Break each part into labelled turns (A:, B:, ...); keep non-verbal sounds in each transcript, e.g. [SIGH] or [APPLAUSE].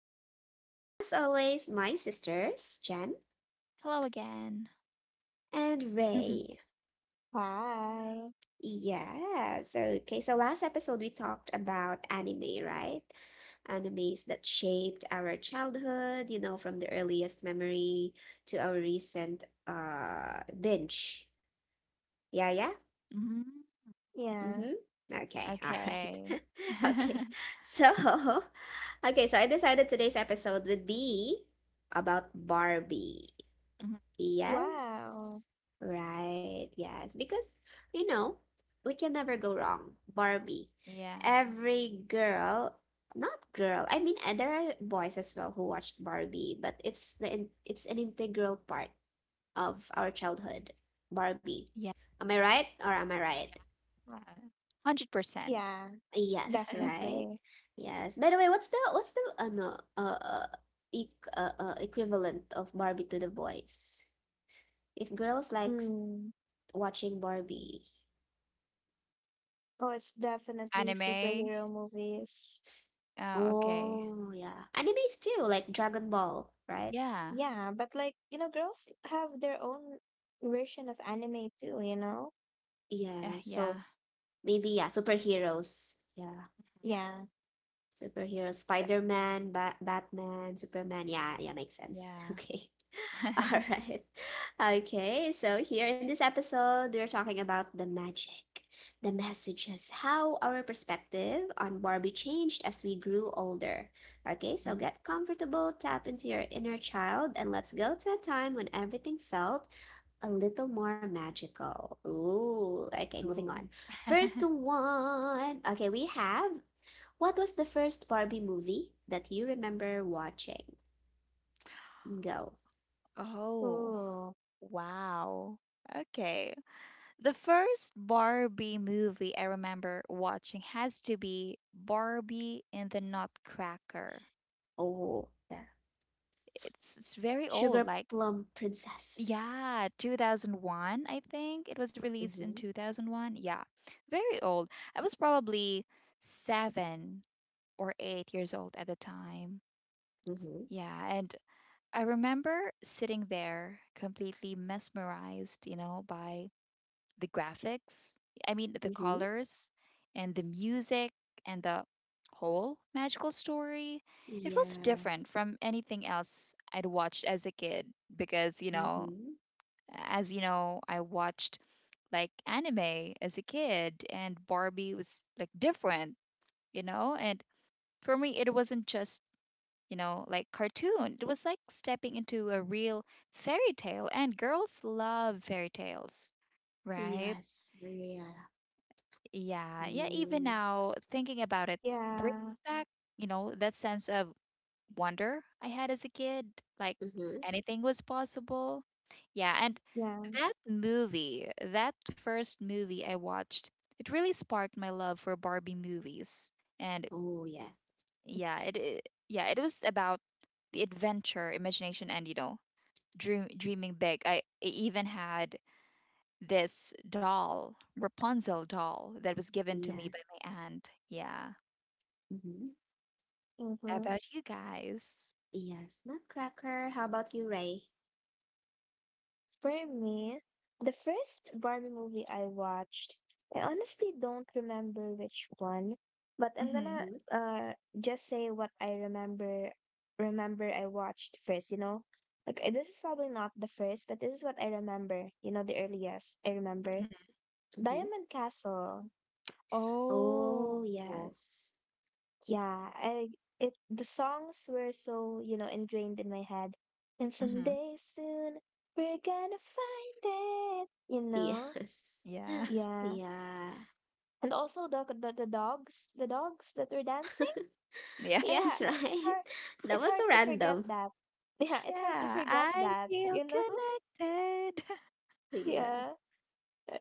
A: hosts. As always, my sisters, Jen
B: Hello again.
A: and
B: [LAUGHS]
A: Ray.
C: Why?
A: So last episode we talked about anime, right? Animes that shaped our childhood, you know, from the earliest memory to our recent binge. Yeah, yeah.
B: hmm
C: Yeah.
A: Mm-hmm. Okay, all right.
B: Okay.
A: [LAUGHS] Okay.
B: [LAUGHS]
A: So, okay, so I decided today's episode would be about Barbie.
B: Mhm.
A: Yes.
C: Wow.
A: Right. Yes, because you know, we can never go wrong. Barbie.
B: Yeah.
A: Every girl, not girl. I mean, there are boys as well who watched Barbie, but it's an integral part of our childhood. Barbie.
B: Yeah.
A: Am I right or am I right?
B: Yeah. 100%.
C: Yeah,
A: Yes,
B: [LAUGHS]
A: right.
C: definitely.
A: Yes. By the way, what's the equivalent of Barbie to the boys? If girls likes
C: Mm.
A: watching Barbie.
C: Oh, it's definitely
B: Anime.
C: superhero movies.
B: Oh, okay.
A: Oh, yeah. Animes too, like Dragon Ball, right?
B: Yeah.
C: Yeah, but like, you know, girls have their own version of anime too, you know?
A: Yeah. So
B: Yeah.
A: maybe yeah, superheroes. Yeah.
C: Yeah.
A: Superheroes, Spider-Man, Batman, Superman. Yeah, yeah, makes sense. [LAUGHS]
B: Yeah.
A: Okay. [LAUGHS] All
B: [LAUGHS]
A: right. Okay, so here in this episode, we're talking about the magic, the messages, how our perspective on Barbie changed as we grew older. Okay, so
B: Mhm.
A: get comfortable, tap into your inner child, and let's go to a time when everything felt a little more magical. Ooh, okay, moving on.
B: Ooh.
A: First
B: [LAUGHS]
A: one. Okay, we have what was the first Barbie movie that you remember watching? Go.
B: Oh.
C: Oh,
B: Wow. Okay. The first Barbie movie I remember watching has to be Barbie and the Nutcracker.
A: Oh, yeah.
B: It's very old,
A: Sugar
B: like
A: Plum Princess.
B: Yeah, 2001, I think. It was released in
A: Mm-hmm.
B: 2001. Yeah, very old. I was probably 7 or 8 years old at the time.
A: Mm-hmm.
B: Yeah, and I remember sitting there completely mesmerized, you know, by the graphics. I mean, the
A: Mm-hmm.
B: colors and the music and the whole magical story. It felt so different
A: Yes.
B: from anything else I'd watched as a kid because,
A: Mm-hmm.
B: as you know, I watched like anime as a kid, and Barbie was like different, And for me, it wasn't just like cartoon; it was like stepping into a real fairy tale. And girls love fairy tales, right?
A: Yes. Yeah.
B: Yeah, yeah. Even
A: Oh.
B: now, thinking about it brings
C: yeah.
B: back that sense of wonder I had as a kid. Like
A: Mm-hmm.
B: anything was possible. Yeah, and
C: Yeah.
B: that movie, that first movie I watched, it really sparked my love for Barbie movies. And
A: Oh yeah.
B: yeah, it was about the adventure, imagination, and dreaming big. I even had this doll, Rapunzel doll, that was given to
A: Yeah.
B: me by my aunt. Yeah.
A: Mm-hmm.
B: How
C: Mm-hmm.
B: about you guys?
A: Yes. Nutcracker. How about you, Ray?
C: For me, the first Barbie movie I watched, I honestly don't remember which one, but I'm
B: Mm-hmm.
C: gonna
A: Mm-hmm.
C: just say what I remember I watched first, you know? Like this is probably not the first, but this is what I remember, you know, the earliest I remember.
A: Mm-hmm.
C: Diamond Castle.
B: Oh.
A: Oh yes.
C: Yeah, I it the songs were so, you know, ingrained in my head. And
B: Mm-hmm.
C: someday soon we're gonna find it, you know?
A: Yes.
B: Yeah.
A: [LAUGHS]
B: [LAUGHS]
C: Yeah,
A: Yeah.
C: and also the dogs that were dancing.
A: [LAUGHS]
B: Yeah.
C: Yeah,
A: yes,
C: it's
A: right?
C: hard
A: [LAUGHS] That
C: it's
A: was
C: hard
A: so
C: to forget
A: random.
C: that. [LAUGHS] Yeah, it's hard to
B: Yeah.
C: forget
B: I
C: that,
B: feel
C: you know. [LAUGHS]
B: connected.
A: Yeah.
C: Yeah.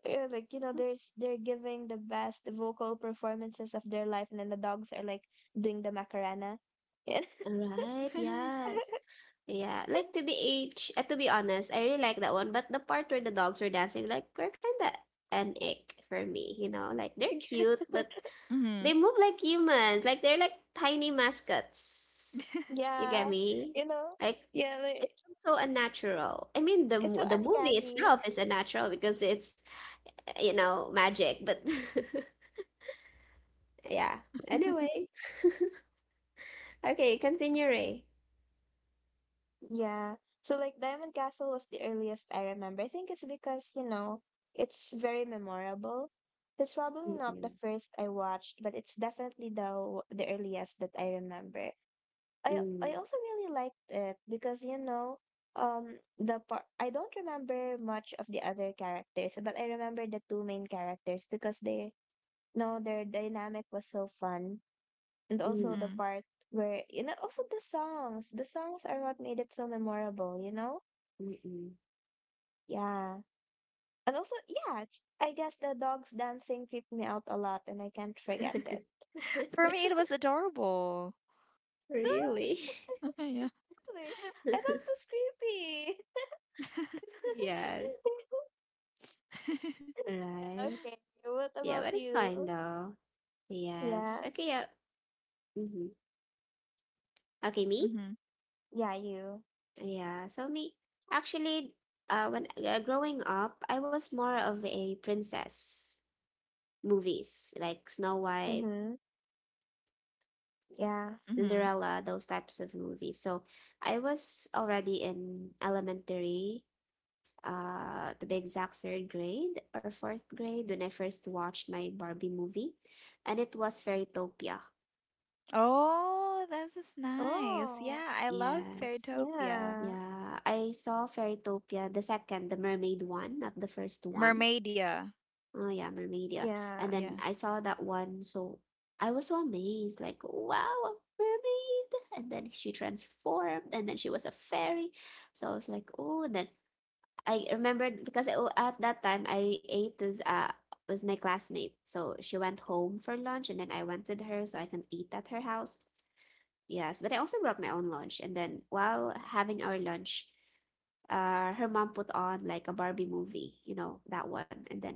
C: Yeah, like you know, there's they're giving the best vocal performances of their life, and then the dogs are like doing the Macarena. Yeah,
A: Right,
B: [LAUGHS]
A: yes.
C: [LAUGHS]
A: Yeah, like to be honest, I really like that one, but the part where the dogs were dancing, like, were kind of an ick for me, you know? Like, they're cute, but
B: mm-hmm.
A: they move like humans. Like, they're like tiny mascots. You get
C: yeah,
A: me?
C: you know,
A: Like,
C: yeah, like,
A: it's so unnatural. I mean,
C: it's so
A: the movie
C: uncanny.
A: itself is unnatural because it's, you know, magic, but [LAUGHS] yeah. Anyway, okay, continue, Ray.
C: Yeah. So like Diamond Castle was the earliest I remember. I think it's because, you know, it's very memorable. It's probably not
A: Mm-mm,
C: the first I watched, but it's definitely the earliest that I remember. I
A: mm,
C: also really liked it because, you know, the part I don't remember much of the other characters, but I remember the two main characters because they no, their dynamic was so fun. And
A: mm,
C: also the
B: mm-hmm.
C: part where, you know, also the songs are what made it so memorable, you know.
A: mm-mm.
C: Yeah, and also, yeah, it's, I guess the dogs dancing creeped me out a lot and I can't forget it.
A: [LAUGHS]
B: For me, it was adorable.
C: [LAUGHS] i
A: Really?
C: do
B: [LAUGHS] yeah.
C: I thought it
A: [LAUGHS]
C: was creepy.
B: [LAUGHS]
A: Yes,
C: [LAUGHS] Yeah,
A: right.
C: okay, what
A: Yeah,
C: about
A: but it's fine
C: you?
A: though. Yes.
C: Yeah,
A: Okay, yeah. Hmm. Okay, me?
B: Mm-hmm.
C: yeah, you,
A: Yeah, so me, actually, when growing up, I was more of a princess movies, like Snow White,
C: mm-hmm, yeah,
B: Mm-hmm.
A: Cinderella, those types of movies. So I was already in elementary to be exact, third grade or fourth grade when I first watched my Barbie movie, and it was Fairytopia.
B: Oh, this is nice.
C: oh
B: Yeah, I loved
A: Yes.
B: Fairytopia.
C: yeah,
A: Yeah, I saw Fairytopia, the second, the mermaid one, not the first one.
B: Mermaidia.
A: Oh yeah, mermaid, yeah.
C: yeah,
A: And then
B: Yeah.
A: I saw that one, so I was so amazed, like, wow, a mermaid. And then she transformed, and then she was a fairy. So I was like, oh, and then I remembered because I, at that time I ate with my classmate. So she went home for lunch and then I went with her so I can eat at her house. Yes, but I also brought my own lunch and then while having our lunch, her mom put on like a Barbie movie, you know, that one. And then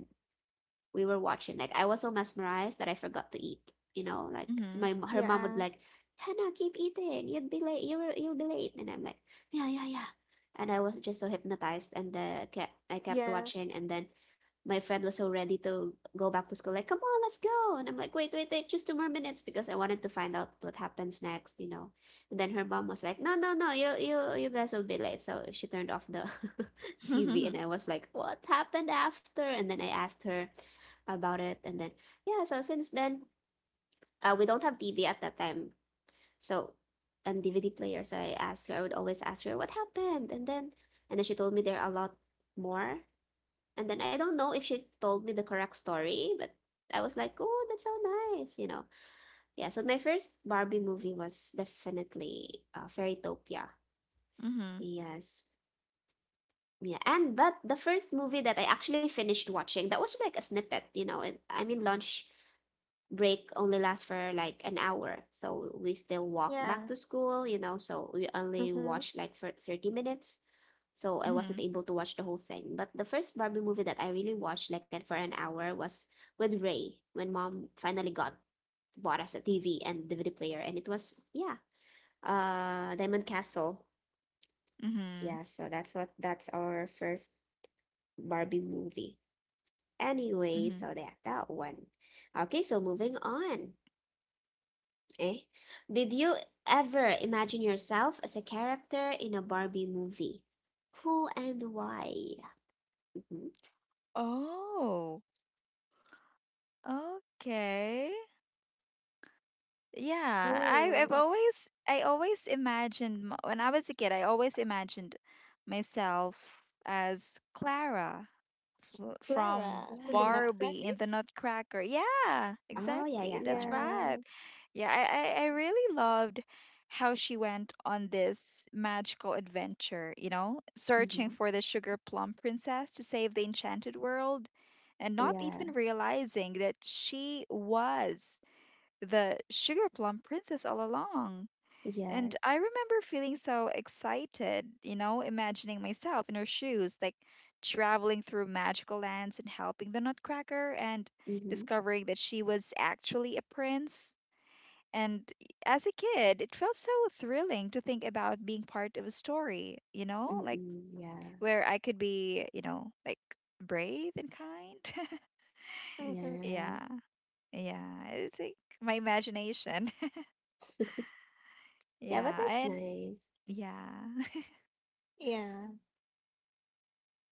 A: we were watching like I was so mesmerized that I forgot to eat, you know, like
B: Mm-hmm.
A: my her mom would
C: yeah,
A: like, Hannah, keep eating, you'll be late. And I'm like, yeah, yeah, yeah. And I was just so hypnotized and I kept
C: yeah,
A: watching. And then my friend was so ready to go back to school, like, come on, let's go. And I'm like, wait, wait, wait, just two more minutes because I wanted to find out what happens next, you know. And then her mom was like, no, no, no, you guys will be late. So she turned off the [LAUGHS]
B: [LAUGHS]
A: TV. And
B: mm-hmm.
A: I was like, what happened after? And then I asked her about it. And then yeah, so since then, we don't have TV at that time, so, and DVD player. So I asked her. I would always ask her what happened. And then she told me there are a lot more. And then I don't know if she told me the correct story, but I was like, oh, that's so nice, you know. Yeah, so my first Barbie movie was definitely Fairytopia. Yes. Yeah. And but the first movie that I actually finished watching, that was like a snippet, you know. And I mean lunch break only lasts for like an hour, so we still walk back
C: yeah,
A: to school, you know, so we only
C: mm-hmm.
A: watched like for 30 minutes. So I
B: Mm-hmm.
A: wasn't able to watch the whole thing. But the first Barbie movie that I really watched, like, for an hour was with Ray when mom finally got bought us a TV and DVD player. And it was yeah, Diamond Castle.
B: Mm-hmm.
A: Yeah, so that's what that's our first Barbie movie. Anyway,
B: Mm-hmm.
A: so that one. Okay, so moving on. Eh? Did you ever imagine yourself as a character in a Barbie movie? Who and why? Mhm.
B: Oh, okay. Yeah,
C: Ooh.
B: I always imagined when I was a kid, I always imagined myself as Clara from
C: Clara from the
A: Clara.
B: Barbie
C: Nutcracker?
B: in the Nutcracker. Yeah,
A: Oh, yeah,
B: exactly.
A: yeah,
B: That's
A: Clara.
B: right.
C: Yeah.
B: Yeah, I really loved how she went on this magical adventure, you know, searching
A: Mm-hmm.
B: for the sugar plum princess to save the enchanted world and not
A: Yeah,
B: even realizing that she was the Sugar Plum Princess all along. And
A: yes.
B: I remember feeling so excited, you know, imagining myself in her shoes, like traveling through magical lands and helping the Nutcracker and
A: Mm-hmm.
B: discovering that she was actually a prince. And as a kid, it felt so thrilling to think about being part of a story, you know, like
A: Mm-mm, yeah,
B: where I could be, you know, like brave and kind. [LAUGHS]
C: Mm-hmm.
B: yeah,
A: yes.
B: yeah, it's like my imagination. [LAUGHS]
A: Yeah, but
B: yeah,
A: that's
B: and
A: nice.
B: Yeah. [LAUGHS]
C: Yeah.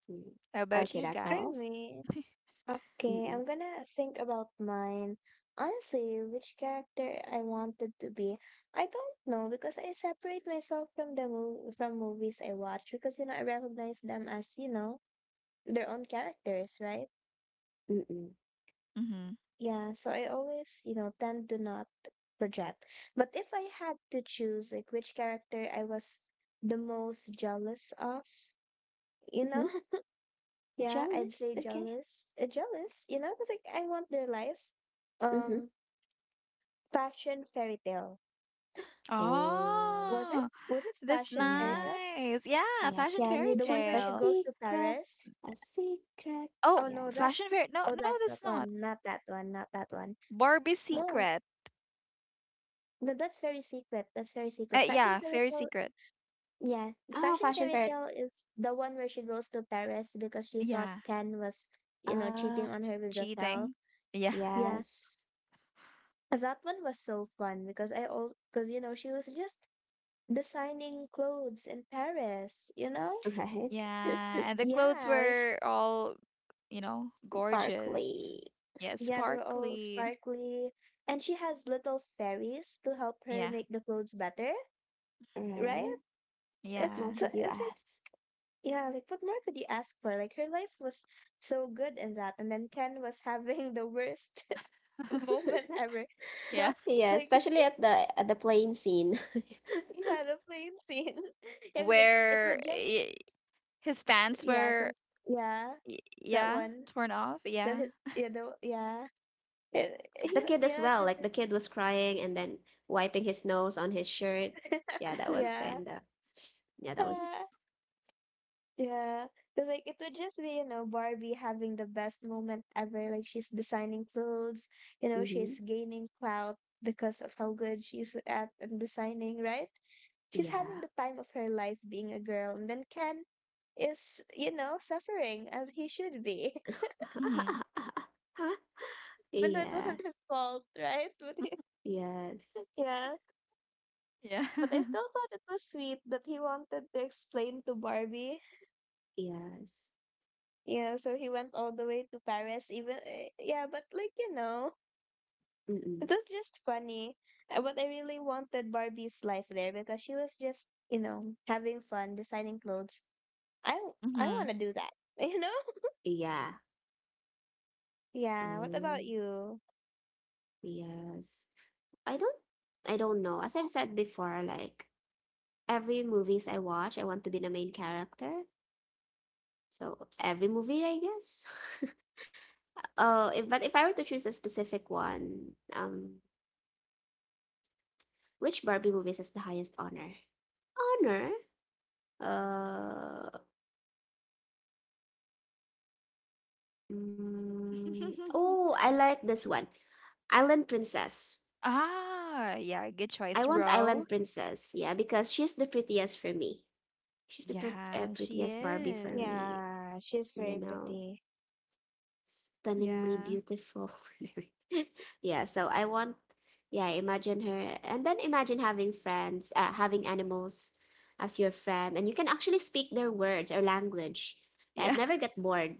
A: Mm.
B: How about
A: Okay,
B: you
A: that's
C: For
A: all.
B: guys?
C: me, okay,
A: Mm-mm,
C: I'm gonna think about mine. Honestly, which character I wanted to be, I don't know because I separate myself from the mov from movies I watch because, you know, I recognize them as, you know, their own characters, right?
A: mm-mm.
B: Mm-hmm.
C: Yeah. So I always, you know, tend to not project. But if I had to choose like which character I was the most jealous of, you know.
A: Mm-hmm.
C: Yeah, I'd
A: Jealous,
C: say
A: okay.
C: jealous. Jealous, you know, because like I want their life.
A: Mm-hmm.
C: Um, Fashion fairy tale.
A: Oh,
C: Was it?
B: Oh,
C: Was it
B: that's
C: fashion fairy
A: yes.
C: tale?
B: nice. Yeah,
A: Yeah,
B: Fashion
A: can
B: Fairy
A: you
C: The one
A: keep
C: where
A: a
C: she
B: Tale.
C: goes to
A: secret?
C: Paris?
A: A secret?
B: Oh,
C: Oh
A: Yeah.
C: no, that's
B: Fashion Fairy. No,
C: oh,
B: no,
C: that's
B: that's
C: not
B: not.
C: one. Not that one. Not that one.
B: Barbie's
C: No,
B: Secret.
C: no, that's very secret. That's very secret. Fashion
B: Yeah,
C: fairy
B: Fairy
C: tale.
B: Secret.
C: Yeah,
A: Oh,
C: fashion
A: fashion
C: fairy
A: fair.
C: tale is the one where she goes to Paris because she thought
B: Yeah,
C: Ken was, you know,
A: Ah,
C: cheating on her with Raquel.
B: cheating. Yeah.
C: Yeah,
A: yes. [LAUGHS]
C: that one was so fun because I also because, you know, she was just designing clothes in Paris, you know?
A: Right. [LAUGHS]
B: Yeah, and the clothes
C: Yeah, like sh
B: were all, you know, gorgeous.
A: Sparkly.
B: Yeah,
C: yeah, they're all
B: sparkly.
C: sparkly. And she has little fairies to help her
B: Yeah.
C: make the clothes better, right?
A: Right. What more
B: Yeah.
A: could you
C: It's like,
A: ask?
C: yeah, like what more could you ask for? Like her life was so good in that, and then Ken was [LAUGHS] having the worst [LAUGHS]
B: [LAUGHS]
C: moment
A: [LAUGHS]
C: ever.
B: Yeah.
C: No,
A: Yeah,
C: like
A: especially at the plane scene. [LAUGHS]
C: [LAUGHS] he had a plane scene. [LAUGHS] Yeah, 'cause, like it
B: Where
C: would just
B: i- his pants
C: yeah,
B: were,
C: con yeah,
B: y-
C: that
B: yeah,
C: one.
B: torn off. Yeah.
C: The Yeah, the yeah. Eh,
A: The kid as
C: Yeah,
A: well. Like the kid was crying and then wiping his nose on his shirt. Yeah,
C: [LAUGHS]
A: that was
C: yeah.
A: kind of. Yeah, that
C: Yeah.
A: was.
C: Yeah. Because, like, it would just be, you know, Barbie having the best moment ever. Like, she's designing clothes, you know,
A: Mm-hmm.
C: she's gaining clout because of how good she's at in designing, right? She's having
A: Yeah.
C: the time of her life being a girl. And then Ken is, you know, suffering as he should be,
B: Mhm.
A: [LAUGHS]
C: [LAUGHS] even though it
A: Yeah.
C: wasn't his fault, right? [LAUGHS] But,
B: Mhm.
A: Yes.
C: yeah.
B: Yeah.
C: But I
B: [LAUGHS]
C: still thought it was sweet that he wanted to explain to Barbie.
A: Yes.
C: Yeah, so he went all the way to Paris, even yeah, but like, you know, it
A: Mm-mm.
C: was just funny. But I really wanted Barbie's life there because she was just, you know, having fun designing clothes. I want
B: Mhm.
C: to do that, [LAUGHS] you know.
A: Yeah.
C: Yeah. What
A: Oh.
C: about you?
A: Yes. I don't know. As I've said before, like every movies I watch, I want to be the main character. So every movie, I guess. [LAUGHS] Oh, if I were to choose a specific one, which Barbie movies has the highest honor? Honor? Uh,
B: [LAUGHS]
A: oh, I like this one. Island Princess.
B: ah, yeah, good choice,
A: I want
B: Ro.
A: Island Princess. Yeah, because she's the prettiest for me.
B: Yeah, she
A: Prettiest Barbie for
B: is.
A: me.
C: Yeah, she's
A: You
C: very
A: know,
C: pretty.
A: stunningly
B: Yeah.
A: beautiful. [LAUGHS] yeah, so I want, yeah, imagine her. And then imagine having having animals as your friend. And you can actually speak their words or language. Yeah, I'd
B: yeah.
A: never get bored.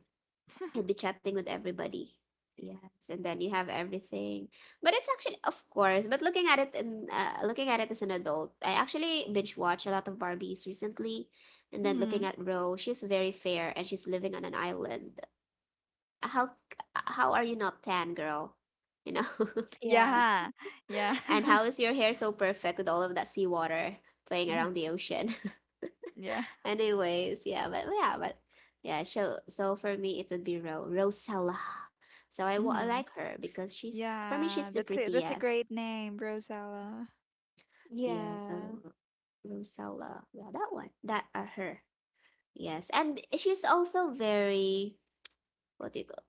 A: I'd be
B: [LAUGHS]
A: chatting with everybody. Yes, and then you have everything. But it's actually, of course, but looking at it in looking at it as an adult, I actually binge watch a lot of Barbies recently. And then looking
B: Mhm.
A: at Ro, she's very fair and she's living on an island, how how are you not tan, girl? You know?
C: Yeah,
B: Yeah. Yeah.
A: [LAUGHS] And how
B: [LAUGHS]
A: is your hair so perfect with all of that seawater playing around
B: Mhm.
A: the ocean? [LAUGHS]
B: Yeah.
A: Anyways, yeah, so for me it would be Ro Rosella. So I
B: Mhm.
A: like her because she's for me she's
B: Yeah,
A: the
B: that's a
A: prettiest.
B: great name, Rosella.
A: Yeah, so
C: yeah,
A: Rosella. Yeah, that one. That are her. Yes. And she's also very what do you call,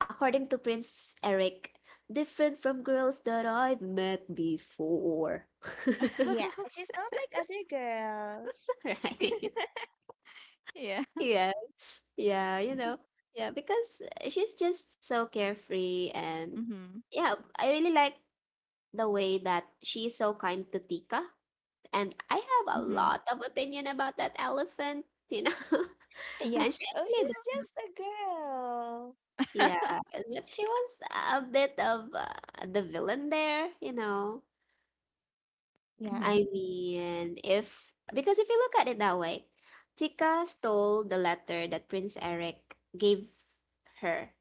A: according to Prince Eric, different from girls that I've met before. [LAUGHS]
C: yeah.
B: [LAUGHS]
C: She's not like other girls.
A: right?
B: yeah.
A: Yeah, yeah, you know, yeah, because she's just so carefree. And
B: Mhm.
A: yeah, I really like the way that she's so kind to Tika, and I have a
B: Mhm.
A: lot of opinion about that elephant, you know, [LAUGHS]
C: Yeah.
B: Mhm.
A: and she
C: Oh,
A: actually
C: she's
A: does.
C: just a girl.
A: Yeah, but she was a bit of the villain there, you know.
C: Yeah.
A: I mean, if because if you look at it that way, Tika stole the letter that Prince Eric gave her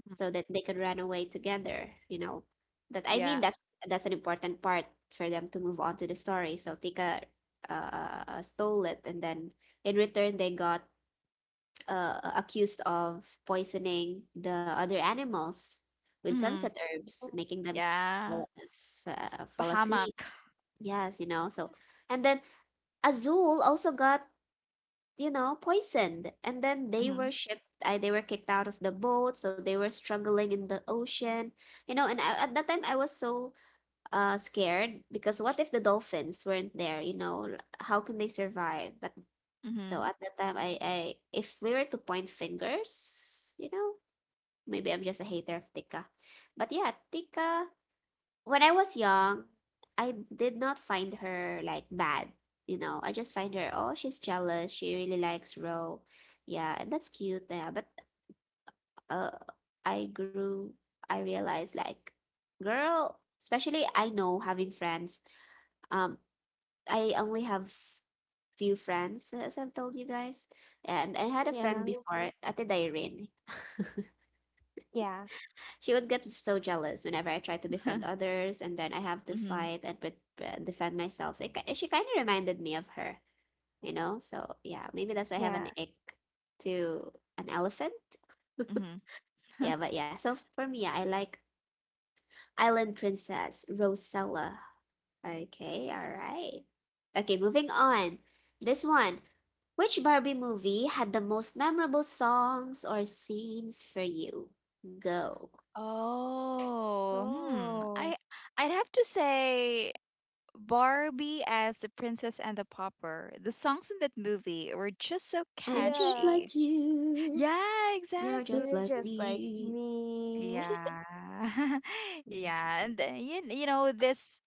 A: so that they could run away together, you know. But I mean
B: [LAUGHS] Yeah.
A: that's an important part for them to move on to the story. So Tika stole it and then in return they got accused of poisoning the other animals with
B: Mhm.
A: sunset herbs, making them
B: Yeah.
A: fall asleep.
B: Bahamak.
A: Yes, you know. So and then Azul also got, you know, poisoned. And then
B: Mhm.
A: they were kicked out of the boat. So they were struggling in the ocean, you know. And at that time, I was so scared because what if the dolphins weren't there, you know? How can they survive? But so
B: Mhm.
A: at that time, I if we were to point fingers, you know, maybe I'm just a hater of Tika. But yeah, Tika, when I was young, I did not find her like bad. You know, I just find her, oh, she's jealous. She really likes Ro. Yeah, and that's cute. Yeah, but uh, I grew, I realized like, girl, especially I know having friends. Um, I only have few friends, as I've told you guys, and I had a friend
C: Yeah.
A: before, Ate Irene.
C: Yeah.
A: She would get so jealous whenever I try to defend others, and then I have to
B: Mhm.
A: fight and defend myself. So she kind of reminded me of her, you know? So yeah, maybe that's why I have
C: Yeah.
A: an ick to an elephant. [LAUGHS]
B: Mhm.
A: Yeah,
B: [LAUGHS] [LAUGHS]
A: but yeah, so for me, yeah, I like Island Princess Rosella. Okay, all right. Okay, moving on. This one. Which Barbie movie had the most memorable songs or scenes for you? Go.
B: Oh, hmm.
C: Oh.
B: I'd have to say Barbie as the Princess and the Pauper. The songs in that movie were just so
A: I'm just
C: Yeah,
B: catchy.
A: like you.
B: Yeah,
A: You're
B: exactly.
A: just
C: you're
A: like
C: just like
A: me.
C: me.
B: Yeah. [LAUGHS]
A: Yeah.
B: Yeah, and you, you know this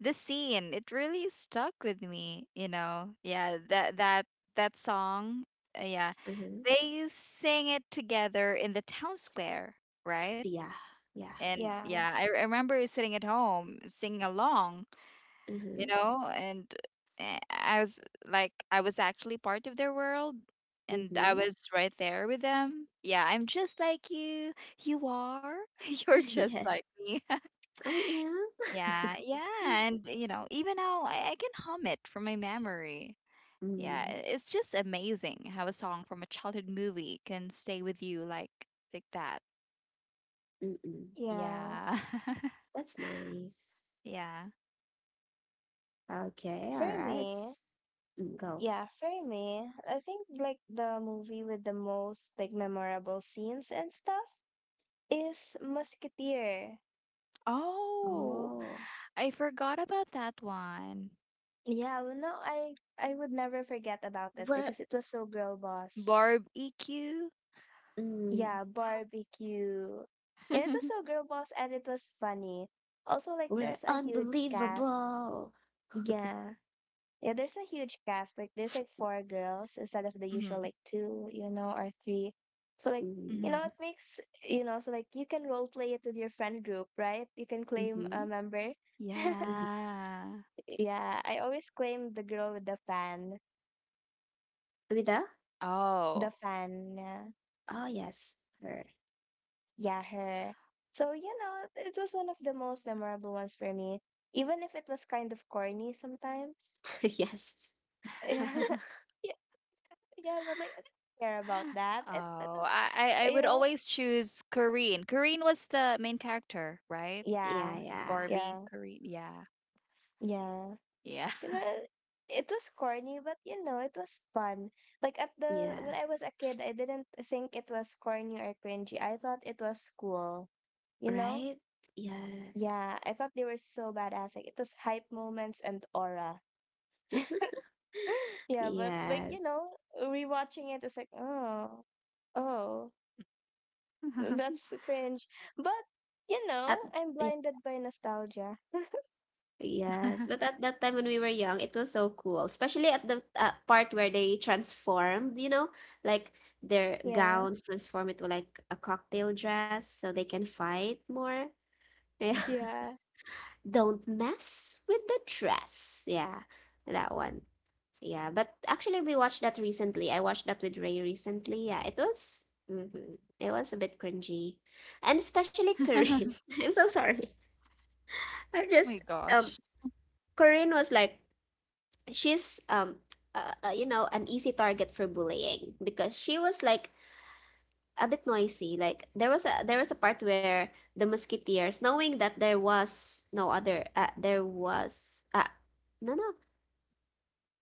B: this scene, it really stuck with me, you know. Yeah, that song. Yeah.
A: Uh-huh.
B: They sing it together in the town square, right?
A: Yeah. Yeah.
C: [LAUGHS]
B: And
C: Yeah,
B: yeah, I remember sitting at home singing along, you
A: Uh-huh.
B: know, and I was like, I was actually part of their world and I
A: Mm-hmm.
B: was right there with them. Yeah, I'm just like you. You are? [LAUGHS] You're
A: [LAUGHS] yeah.
B: just like me. [LAUGHS]
A: I am.
B: Yeah, yeah, and you know, even now I can hum it from my memory. Yeah,
A: Mm.
B: it's just amazing how a song from a childhood movie can stay with you like that.
A: Mm-mm.
C: yeah.
B: Yeah. [LAUGHS]
A: That's nice.
B: Yeah.
A: Okay. All
C: For
A: right.
C: me,
A: Go.
C: yeah, for me, I think like the movie with the most like memorable scenes and stuff is Musketeer.
B: Oh.
A: Oh.
B: I forgot about that one.
C: Yeah, well, no, I would never forget about it
A: We're
C: because it was so girl boss.
B: Barb EQ.
A: mm,
C: Yeah, barbecue. Yeah, it
B: hmm
C: was so girl boss and it was funny. Also, like
A: we're
C: there's a huge cast.
A: unbelievable.
C: Yeah. Yeah, there's a huge cast. Like there's like four girls instead of the usual like two, you know, or three. So like,
A: Mm,
C: you know,
B: hmm
C: it
B: [LAUGHS]
C: makes you know, so like you can role play it with your friend group, right? You can claim a
A: mm-hmm.
C: member. [LAUGHS]
A: Mm-hmm.
B: Yeah.
C: Yeah, I always claim the girl with
A: Amida?
B: Oh.
C: the fan. Yeah,
A: Oh yes. Her.
C: yeah, her. So, you know, it was one of the most memorable ones for me, even if it was kind of corny sometimes.
A: [LAUGHS]
B: [LAUGHS]
A: yes.
B: oh,
C: [LAUGHS] Yeah, yeah, yeah, but like I didn't care about that. It
B: I
C: was,
B: would always
C: you know.
B: choose Corinne. Corinne was the main character, right?
A: Yeah,
C: Yeah,
A: yeah.
B: Barbie,
C: yeah,
B: Corinne. Yeah.
C: yeah.
B: Yeah.
C: You know, it was corny, but you know, it was fun. Like at the
A: Yeah.
C: when I was a kid, I didn't think it was corny or cringy. I thought it was cool. You know?
A: Right? Yes.
C: Yeah, I thought they were so badass. Like it was hype moments and aura.
A: [LAUGHS]
C: [LAUGHS] Yeah, but like you
A: Yes.
C: know, rewatching it, it's like oh,
B: [LAUGHS]
C: that's cringe. But, you
A: At
C: know, I'm
A: ye
C: blinded by nostalgia.
A: yes, but at that time when we were young, it was so cool, especially at the part where they transformed, you know, like their
C: Yeah,
A: gowns transform into like a cocktail dress so they can fight more. Yeah.
B: Mhm.
A: [LAUGHS]
C: yeah,
A: Don't mess with the dress. Yeah, that one. Yeah, but actually we watched that recently. I watched that with Ray recently. Yeah, it was it was a bit cringy. And especially
B: [LAUGHS]
A: Corinne. [LAUGHS] I'm so
B: oh
A: sorry. I'm
B: my
A: just um
B: gosh.
A: Corinne was like she's you know, an easy target for bullying because she was like a bit noisy, like there was a part where the musketeers, knowing that there was no other there was no no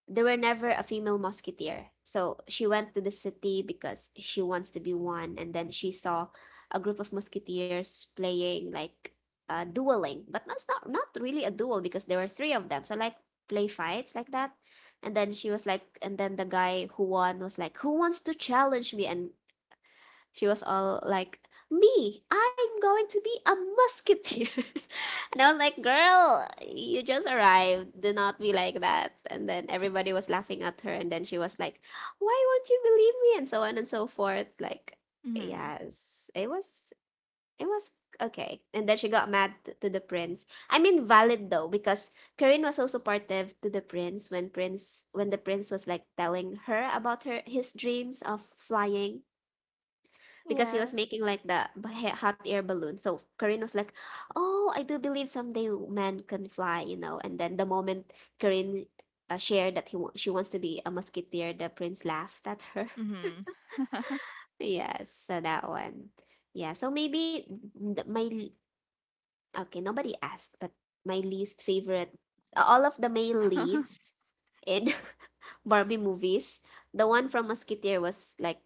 A: there were never a female musketeer. So she went to the city because she wants to be one, and then she saw a group of musketeers playing like dueling, but that's not really a duel because there were three of them. So like play fights like that, and then and then the guy who won was like, "Who wants to challenge me?" And she was all like, "Me, I'm going to be a musketeer." [LAUGHS] and I was like, "Girl, you just arrived. Do not be like that." And then everybody was laughing at her, and then she was like, "Why won't you believe me?" and so on and so forth. Like,
B: hmm
A: yes, it was okay. And then she got mad to the prince. I mean, valid though, because Corinne was so supportive to the prince when the prince was like telling her about her his dreams of flying, because he was
C: yeah,
A: making like the hot air balloon. So Corinne was like, "Oh, I do believe someday man can fly," you know. And then the moment Corinne shared that she wants to be a musketeer, the prince laughed at her.
B: hmm
A: [LAUGHS] yes, so that one. Yeah, so maybe th- my okay, nobody asked, but my least favorite, all of the male leads in [LAUGHS] Barbie movies, the one from Musketeer was like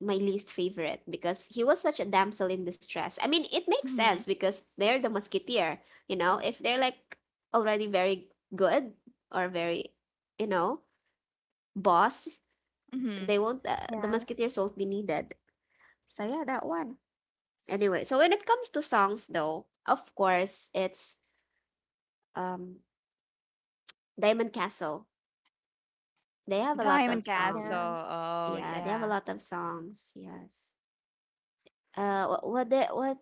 A: my least favorite because he was such a damsel in distress. I mean, it makes
B: hmm
A: sense because they're the Musketeer, you know, if they're like already very good or very, you know, boss,
B: hmm
A: they won't, the
C: yeah,
A: Musketeers won't be needed. So yeah, that one. Anyway, so when it comes to songs though, of course, it's um Diamond Castle. They
B: [LAUGHS]
A: have a lot of
B: Diamond Castle.
A: song.
C: yeah.
B: Oh,
A: Yeah, they have a
B: yeah.
A: lot of songs. Yes. What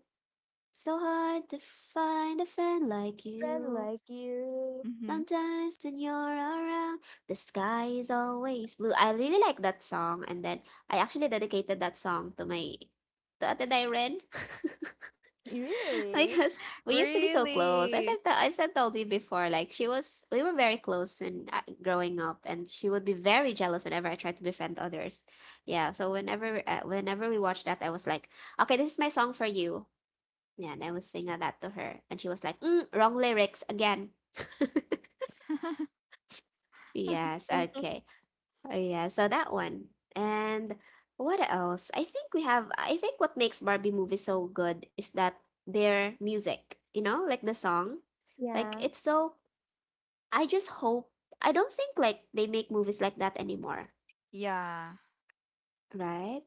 A: so hard to find a friend like
C: Friend
A: you.
C: like you.
B: Mm-hmm.
A: Sometimes when you're around, the sky is always blue. I really like that song, and then I actually dedicated that song to Ate Dairen. [LAUGHS] [LAUGHS]
C: Really?
A: Because we used to be so close.
B: Really?
A: I've said told you before, like we were very close when growing up, and she would be very jealous whenever I tried to befriend others. Yeah, so whenever we watched that, I was like, okay, this is my song for you. Yeah, and I was singing that to her, and she was like, mm, wrong lyrics again. [LAUGHS]
B: [LAUGHS]
A: Yes,
C: Mm-hmm.
A: okay. Oh, yeah, so that one. And what else? I think what makes Barbie movies so good is that their music, you know, like the song. Like
C: Yeah,
A: it's so, I just hope, I don't think like they make movies like that anymore,
B: Yeah.
A: right?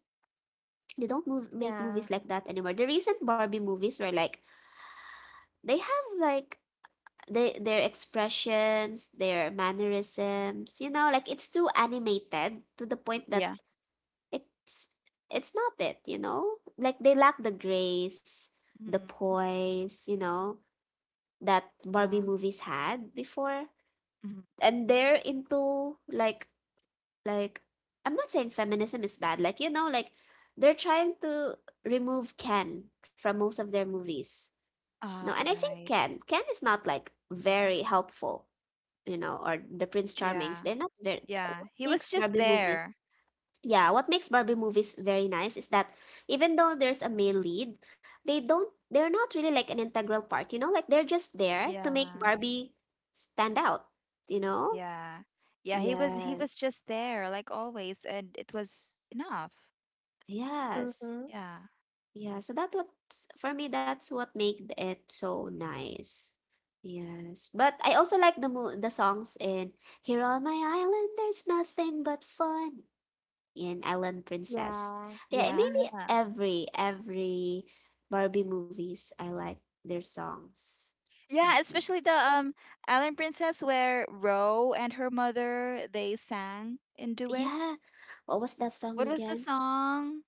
A: They don't make
C: yeah.
A: movies like that anymore. The recent Barbie movies were like, they have like, they, their expressions, their mannerisms, you know, like it's too animated to the point that
B: Yeah.
A: it's it's not it, you know, like they lack the grace, the
B: Mhm.
A: poise, you know, that Barbie
B: Yeah.
A: movies had before,
B: Mhm.
A: and they're into like like I'm not saying feminism is bad, like, you know, like they're trying to remove Ken from most of their movies. No,
B: Ah,
A: and I think
B: right.
A: Ken is not like very helpful, you know, or the prince charmings,
B: Yeah.
A: they're not very
B: Yeah.
A: what
B: He was
A: makes
B: just
A: Barbie movies
B: there.
A: yeah, what makes Barbie movies very nice is that even though there's a male lead, they're not really like an integral part, you know? Like they're just there to make
B: Yeah.
A: Barbie stand out, you know?
B: Yeah. Yeah, he was
A: Yes.
B: just there like always and it was enough.
A: Yes.
C: Mm-hmm.
B: Yeah.
A: Yeah, so that what for me that's what made it so nice. Yes. But I also like the the songs in Here on my island there's nothing but fun. In Island Princess.
C: Yeah.
A: Yeah, and
B: Yeah.
A: maybe every Barbie movies I like their songs.
B: Yeah,
A: Mm-mm.
B: especially the Island Princess where Ro and her mother they sang in duet.
A: Yeah, what was that song
B: What was the
A: again?
B: song?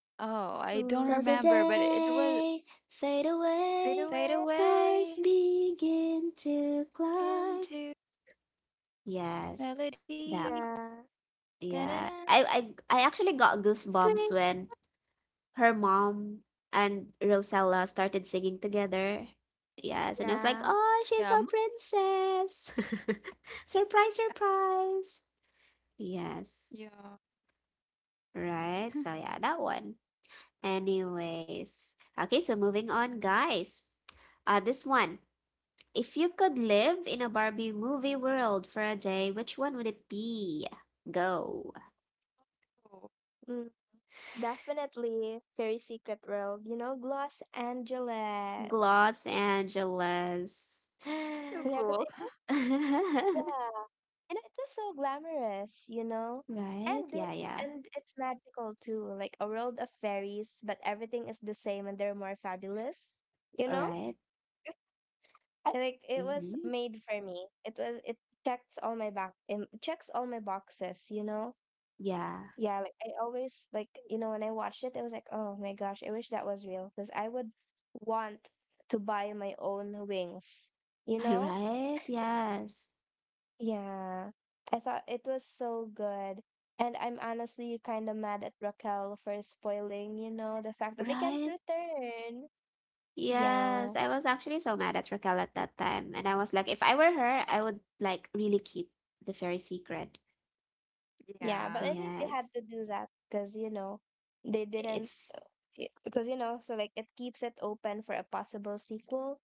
B: Oh, I don't
A: Sounds
C: Mm.
A: of
B: remember, but it was
A: day fade
B: Fade
C: To
A: away,
C: do it.
B: Away.
A: stars begin to
B: Into
A: climb. Yes,
B: melody.
A: that
C: Yeah,
B: Da-da-da,
A: yeah. I actually
B: sweet.
A: got goosebumps when her mom and Rosella started singing together. Yes, and I was like,
C: yeah.
B: Yeah,
A: "Oh, she's a princess!" [LAUGHS] surprise, surprise!
B: Yeah.
A: Yes, right.
B: [LAUGHS]
A: So yeah, that one. Anyways, okay. So moving on, guys. This one. If you could live in a Barbie movie world for a day, which one would it be? Go.
B: Cool.
C: Mm. Definitely. Very Secret world. You know, Los Angeles.
A: Los Angeles. [GASPS]
B: So
A: [LAUGHS]
C: Yeah,
B: cool.
C: because it was, yeah. You know, it was so glamorous, you know?
A: right?
C: And the,
A: Yeah, yeah.
C: and it's magical too, like a world of fairies, but everything is the same and they're more fabulous, you
A: All
C: know?
A: right.
C: I like it was
A: Mm-hmm.
C: made for me. It checks all my boxes, you know?
A: Yeah.
C: Yeah, like I always like, you know, when I watched it, I was like, oh my gosh, I wish that was real because I would want to buy my own wings, you
A: [LAUGHS]
C: know?
A: Right. Yes.
C: Yeah, I thought it was so good. And I'm honestly kind of mad at Raquel for spoiling, you know, the fact that they can't
A: Right.
C: return.
A: Yes.
C: Yeah,
A: I was actually so mad at Raquel at that time. And I was like, if I were her, I would like really keep the fairy secret.
C: yeah, but I
B: Yeah.
C: think they had
A: Yes.
C: to do that because, you know, they didn't
A: It's,
C: because, you know, so like it keeps it open for a possible sequel,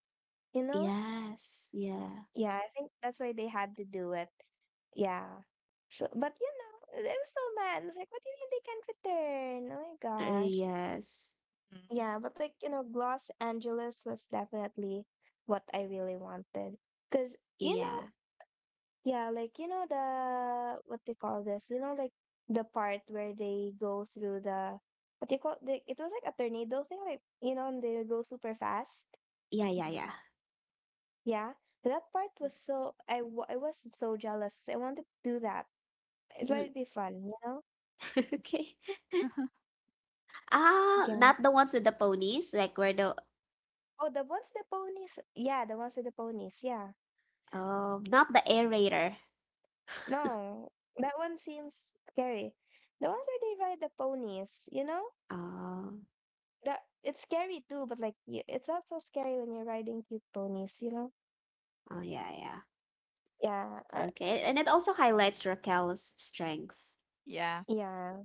C: you know.
A: yes. Yeah.
C: Yeah, I think that's why they had to do it, yeah. So but, you know, they was so mad, it's like what do you mean they can't return, oh my gosh.
A: Yes.
B: Mm.
C: Yeah, but like, you know, Los Angeles was definitely what I really wanted because, you
A: Yeah.
C: know, yeah, like, you know, the what they call this, you know, like the part where they go through the what do you call, they, it was like a tornado thing, like, you know, and they go super fast.
A: Yeah. Yeah.
B: Mhm.
A: Yeah.
C: Yeah, that part was so I was so jealous 'cause I wanted to do that. It
A: Mm.
C: might be fun, you know?
A: [LAUGHS] okay.
B: [LAUGHS]
A: Ah,
C: Yeah.
A: not the ones with the ponies.
C: Oh, the ones with the ponies. Yeah, the ones with the ponies. Yeah.
A: Not the aerator.
C: No, that one seems scary. The ones where they ride the ponies, you know?
A: Oh,
C: That it's scary too, but like it's not so scary when you're riding cute ponies, you know?
A: oh yeah. Yeah.
C: Yeah.
A: Okay, and it also highlights Raquel's strength.
B: Yeah.
C: Yeah.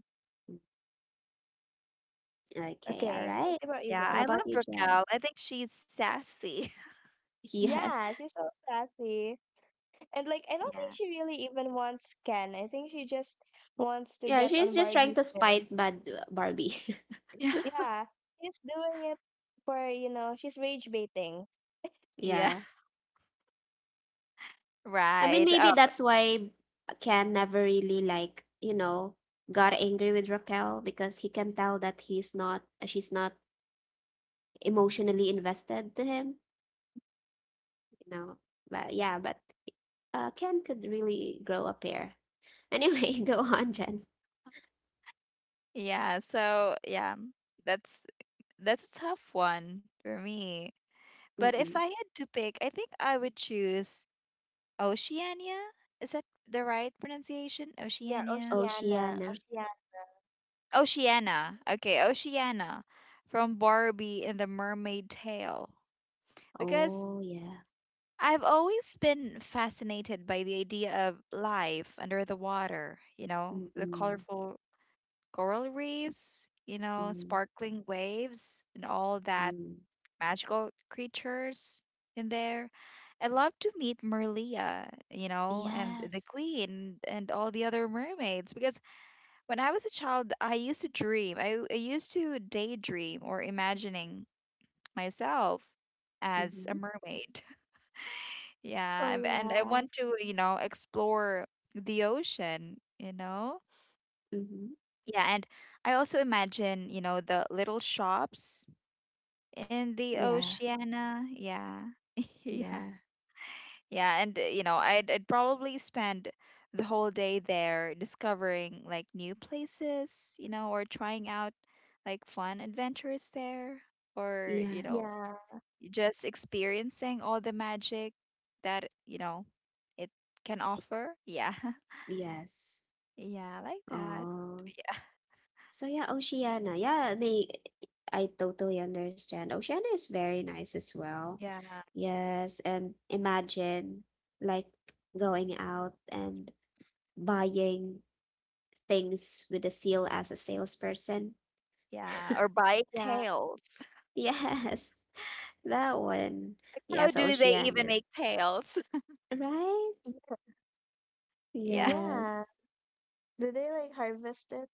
A: Okay, all
C: Okay.
A: right.
C: What about you
B: Yeah,
A: How
B: I
C: guys?
A: about you,
B: loved
A: Jen?
B: Raquel. I think she's sassy. [LAUGHS]
A: [LAUGHS] Yes.
C: Yeah, she's so sassy. And like I don't think
B: Yeah.
C: she really even wants Ken. I think she just wants to
A: Yeah,
C: get
A: she's
C: on
A: just trying
C: Barbie's
A: to
C: nerve.
A: spite bad Barbie.
B: Yeah. [LAUGHS]
C: Yeah. She's doing it for, you know, she's rage baiting.
A: [LAUGHS]
B: Yeah,
A: yeah. I mean,
B: right.
A: maybe
B: Oh,
A: that's why Ken never really like, you know, got angry with Raquel because he can tell that he's not she's not emotionally invested to him, you know. But yeah, but Ken could really grow a pair. Anyway, [LAUGHS] go on, Jen.
B: yeah. So, yeah, that's that's a tough one for me. But if I
A: Mm-mm.
B: had to pick, I think I would choose Oceania. Is that the right pronunciation?
C: Yeah,
B: Oceania?
C: Oceana.
A: Oceana.
C: Oceana.
B: Oceana. Okay, Oceana from Barbie and the Mermaid Tale. Because
A: Oh, yeah.
B: I've always been fascinated by the idea of life under the water, you know,
A: Mm,
B: the
A: mm,
B: colorful coral reefs, you know, sparkling waves, and all that
A: mm.
B: magical creatures in there. I'd love to meet Merlia, you know, and the
A: Yes.
B: queen and all the other mermaids because when I was a child, I used to dream. I used to daydream or imagining myself as
A: Mm-hmm.
B: a mermaid. [LAUGHS] Yeah,
C: Oh
B: and I
C: yeah.
B: want to, you know, explore the ocean, you know?
A: Mm-hmm.
B: Yeah, and I also imagine, you know, the little shops in the
A: Yeah.
B: oceana. Yeah. [LAUGHS] Yeah.
A: Yeah.
B: Yeah, and you know, I'd probably spend the whole day there discovering like new places, you know, or trying out like fun adventures there, or you
A: Yes.
B: know,
C: Yeah.
B: just experiencing all the magic that, you know, it can offer. Yeah. [LAUGHS]
A: Yes.
B: Yeah, I like that.
A: Oh. So yeah, Oceania. Yeah, I mean, I totally understand. Oceania is very nice as well.
B: Yeah.
A: Yes, and imagine like going out and buying things with a seal as a salesperson.
B: Yeah. Or buying
C: Yeah.
B: tails. [LAUGHS]
A: Yes, [LAUGHS] that one.
B: Like, how
A: Yes,
B: do they even
A: Oceania.
B: make tails?
A: Right?
C: Yeah.
B: [LAUGHS] Yeah. [LAUGHS]
A: Yes.
C: Yeah. Did they like harvest it?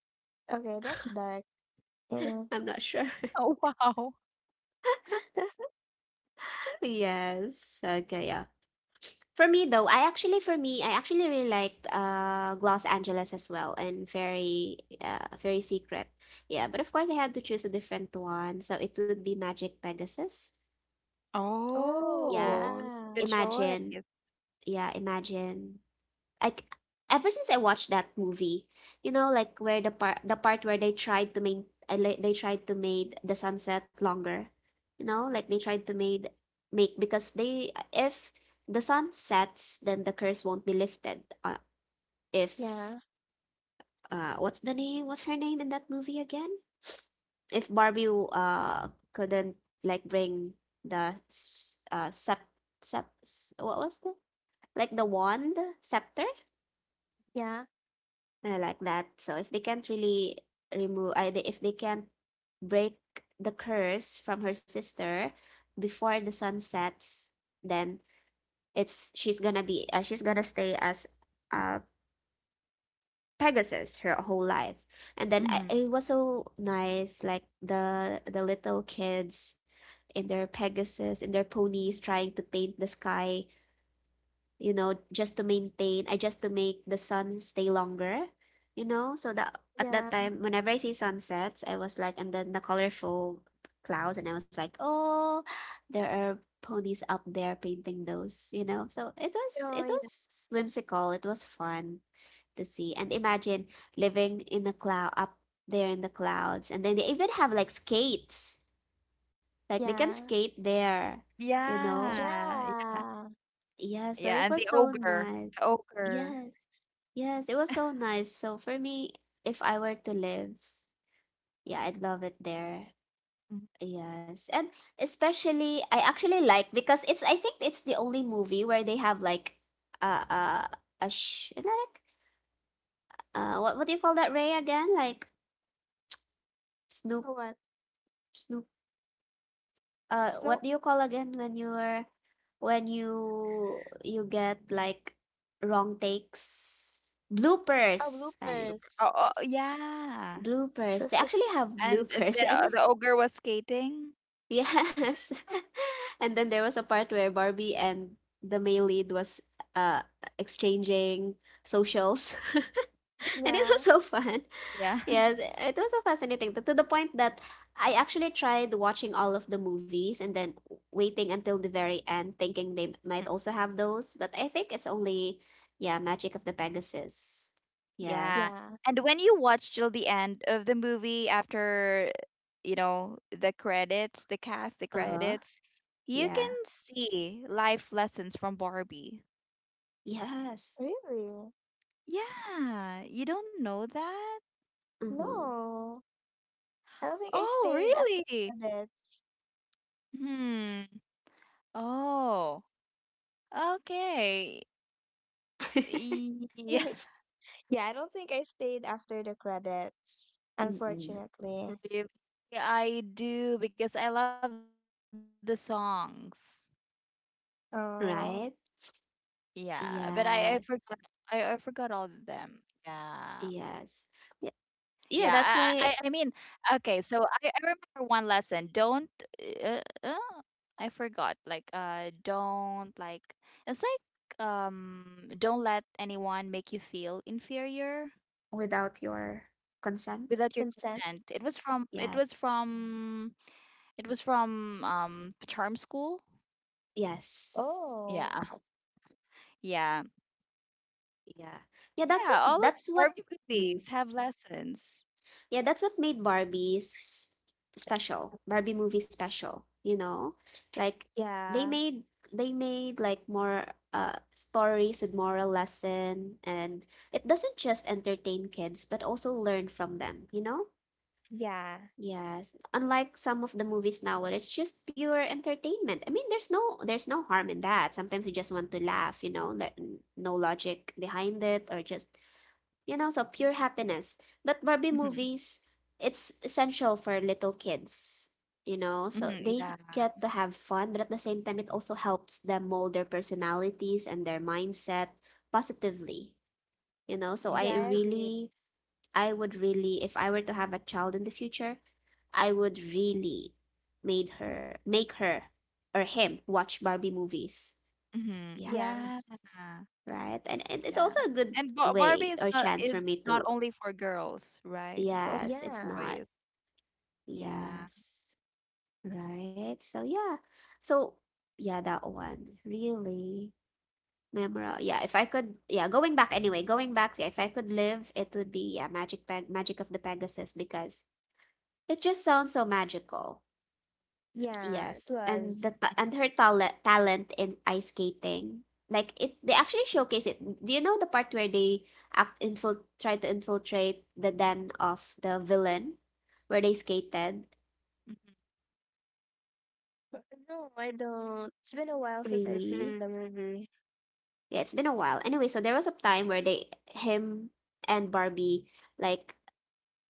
C: Okay, that's dark, you know.
A: I'm not sure. [LAUGHS]
B: Oh, wow.
C: [LAUGHS]
A: Yes. Okay, yeah. For me though, I actually for me, I actually really liked Los Angeles as well and very very secret. Yeah, but of course I had to choose a different one. So it would be Magic Pegasus.
C: Oh
A: Yeah.
B: Oh,
C: yeah.
B: good choice.
A: Imagine, yeah, imagine like ever since I watched that movie, you know, like where the part where they tried to make they tried to made the sunset longer, you know, like they tried to made make because they if the sun sets, then the curse won't be lifted. If
C: Yeah.
A: what's the name? What's her name in that movie again? If Barbie couldn't like bring the s- sep sep s- what was the like the wand scepter
C: Yeah.
A: I like that. So if they can't really if they can't break the curse from her sister before the sun sets, then it's she's gonna be she's gonna stay as uh Pegasus her whole life. It was so nice, like the little kids in their Pegasus, in their ponies, trying to paint the sky, you know, just to make the sun stay longer, you know. So that at that
C: Yeah.
A: time, whenever I see sunsets, I was like, and then the colorful clouds, and I was like, oh, there are ponies up there painting those, you know. So
C: Oh
A: it
C: yeah.
A: was whimsical. It was fun to see, and imagine living in the cloud up there in the clouds, and then they even have like skates, like they can
C: Yeah.
A: skate there, you know.
B: Yeah, yeah,
C: Yeah.
A: Yeah, so
B: yeah,
A: it
B: and the
A: was so
B: ogre,
A: nice.
B: the ogre.
A: Yeah. Yes, it was so nice. So for me, if I were to live, yeah, I'd love it there.
B: Mhm.
A: Yes. And especially I actually like because it's I think it's the only movie where they have like uh uh a sh like what do you call that, Ray again? Like Snoop
C: Oh what?
A: Snoop, what do
C: Snow
A: you call again when you're when you get like wrong takes,
C: Oh,
A: bloopers. I
B: Blooper.
C: bloopers.
B: Oh, oh, yeah,
A: Bloopers. They actually
C: [LAUGHS]
A: have
B: and the
A: bloopers [LAUGHS] and
B: ogre was skating.
A: yes. [LAUGHS] And then there was a part where Barbie and the male lead was uh exchanging socials. [LAUGHS] And it was
C: Yeah.
A: so fun.
B: Yeah,
A: Yes,
B: [LAUGHS]
A: it was so fascinating to the point that I actually tried watching all of the movies and then waiting until the very end, thinking they might also have those. But I think it's only, yeah, Magic of the Pegasus.
B: yeah.
A: Yes.
C: Yeah,
B: And when you watch till the end of the movie, after you know the credits, the cast, the
A: Uh-huh.
B: credits, you can
A: Yeah.
B: see life lessons from Barbie.
A: Yes.
C: really?
B: Yeah, you don't know that?
A: Mm-hmm.
C: No, I don't think I
B: Oh,
C: stayed after
B: really?
C: credits.
B: Hmm. Oh, okay.
A: [LAUGHS]
B: Yeah,
C: [LAUGHS] Yeah, I don't think I stayed after the credits,
A: Mm-mm.
B: [LAUGHS]
C: unfortunately.
B: really. Yeah, I do because I love the songs.
C: Oh,
A: Right?
B: Yeah, but I forgot I
A: Yes,
B: forgot all of them. Yeah.
A: yes. Yeah,
B: Yeah,
A: yeah,
B: I
A: that's
B: mean,
A: why
B: okay, so I remember one lesson. Don't uh, uh, I forgot like don't like it's like don't let anyone make you feel inferior
A: without your consent.
B: without your
C: consent.
B: consent.
A: Yes.
B: It was from charm school.
A: Yes.
C: Oh,
B: Yeah. Yeah.
A: Yeah. Yeah,
B: Yeah. All of Barbie
A: mm,
B: movies have lessons.
A: yeah, that's what made Barbie movie special, you know? Like they
C: yeah,
A: made they made like more stories with moral lesson, and it doesn't just entertain kids but also learn from them, you know?
C: yeah,
A: Yes, unlike some of the movies now where it's just pure entertainment. I mean, there's no harm in that. Sometimes you just want to laugh, you know, that no logic behind it or just, you know, so pure happiness. But Barbie
B: Mm-hmm.
A: movies, it's essential for little kids, you know, so
B: Mm-hmm. Yeah.
A: they get to have fun, but at the same time it also helps them mold their personalities and their mindset positively, you know. So
B: Yeah.
C: yeah, I agree.
A: I would really, if I were to have a child in the future, I would really made her make her or him watch Barbie movies.
B: Mm-hmm.
C: Yeah,
B: Yeah.
A: Yes. Right? And it's
B: Yeah.
A: also a good
B: And
A: way
B: Barbie is
A: or chance for me
B: not
A: to,
B: only for girls, right? It's also
A: yes, it's
B: for
C: yeah,
A: not.
B: boys. Yeah.
A: Yes. Right? So yeah. So yeah, that one. Really memorable. Yeah, if I could, yeah, going back anyway, going back, yeah, if I could live, it would be, yeah, Magic of the Pegasus, because it just sounds so magical.
C: yeah, it
A: Yes, and
C: was.
A: and her talent in ice skating, like it, they actually showcase it. Do you know the part where they try to infiltrate the den of the villain, where they skated?
B: Mhm. Mhm.
C: But no, I don't. It's been a while since I've
A: Really?
C: seen the movie.
A: Yeah, it's been a while. Anyway, so there was a time where they, him and Barbie, like,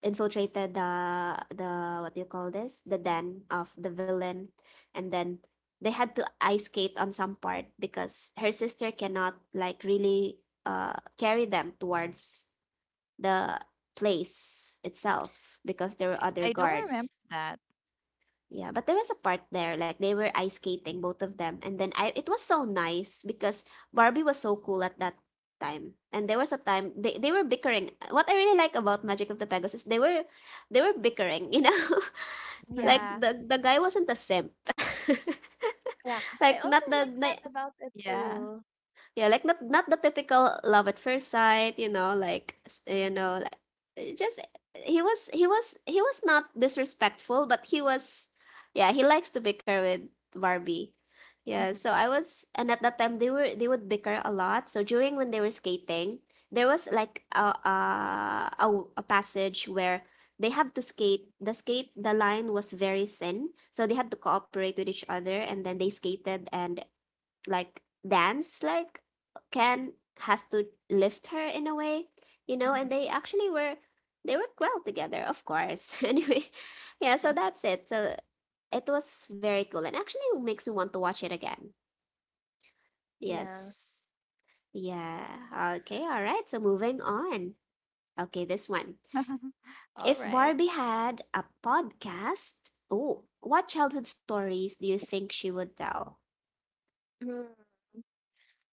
A: infiltrated the what do you call this, the den of the villain, and then they had to ice skate on some part because her sister cannot, like, really carry them towards the place itself because there were other
B: I don't remember
A: guards.
B: that.
A: Yeah, but there was a part there, like they were ice skating, both of them. And then, I, it was so nice because Barbie was so cool at that time. And there was a time they were bickering. What I really like about Magic of the Pegasus, they were bickering, you know? [LAUGHS] Like
C: Yeah,
B: [LAUGHS]
A: the guy wasn't a simp. [LAUGHS]
C: yeah.
A: Like
C: I
A: not
C: also
A: the,
C: like
A: the
C: that about it
B: Yeah.
C: too.
A: yeah, like not the typical love at first sight, you know, like you know, like just he was not disrespectful, but he was, yeah, he likes to bicker with Barbie. Yeah,
B: Mhm.
A: so I was, and at that time they would bicker a lot. So during when they were skating, there was like a passage where they have to skate. The line was very thin, so they had to cooperate with each other, and then they skated and, like, dance, like, can has to lift her in a way, you know, and they
B: Mhm.
A: actually were, they work well together, of course. [LAUGHS] Anyway, yeah, so that's it. So it was very cool, and actually makes me want to watch it again.
C: Yeah.
A: Yes. Yeah. Okay, all right, so moving on. Okay, this one,
B: [LAUGHS]
A: if
B: All right.
A: Barbie had a podcast, oh, what childhood stories do you think she would tell?
C: Mm-hmm.